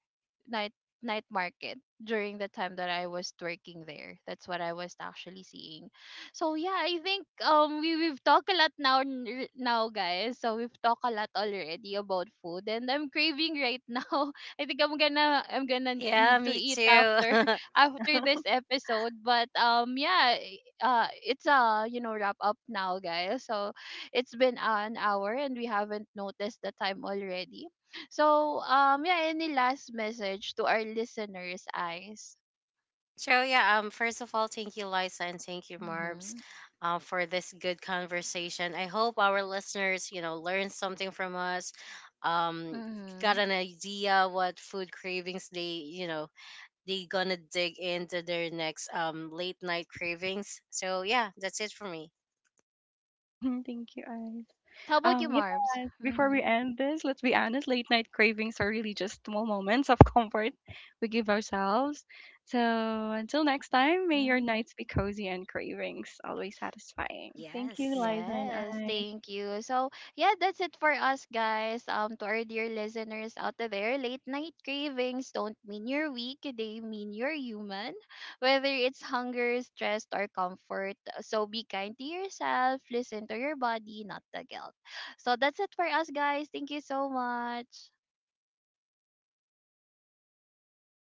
[SPEAKER 1] night night market during the time that I was working there. That's what I was actually seeing. So yeah, I think, we we've talked a lot now, now, guys. So we've talked a lot already about food, and I'm craving right now. I think I'm gonna
[SPEAKER 2] yeah,
[SPEAKER 1] need to
[SPEAKER 2] me
[SPEAKER 1] eat
[SPEAKER 2] too.
[SPEAKER 1] after this episode, but yeah, it's a, you know, wrap up now, guys. So it's been an hour and we haven't noticed the time already. So yeah, any last message to our listeners, eyes?
[SPEAKER 2] So yeah, first of all, thank you, Liza, and thank you, Marbs,
[SPEAKER 1] Mm-hmm.
[SPEAKER 2] for this good conversation. I hope our listeners, learned something from us, um, got
[SPEAKER 1] Mm-hmm.
[SPEAKER 2] an idea what food cravings they, they gonna dig into their next late night cravings. So yeah, that's it for me.
[SPEAKER 3] Thank you, Ice.
[SPEAKER 1] Yes, how about you, Marbs?
[SPEAKER 3] Yeah, before we
[SPEAKER 1] Mm-hmm.
[SPEAKER 3] end this, let's be honest, late night cravings are really just small moments of comfort we give ourselves. So until next time, may your
[SPEAKER 1] Mm-hmm.
[SPEAKER 3] nights be cozy and cravings always satisfying. Thank you,
[SPEAKER 2] Yes.
[SPEAKER 3] Liza and
[SPEAKER 1] Yes,
[SPEAKER 3] I.
[SPEAKER 1] thank you. So, yeah, that's it for us, guys. To our dear listeners out there, late night cravings don't mean you're weak, they mean you're human. Whether it's hunger, stress, or comfort. So, be kind to yourself, listen to your body, not the guilt. So, that's it for us, guys. Thank you so much.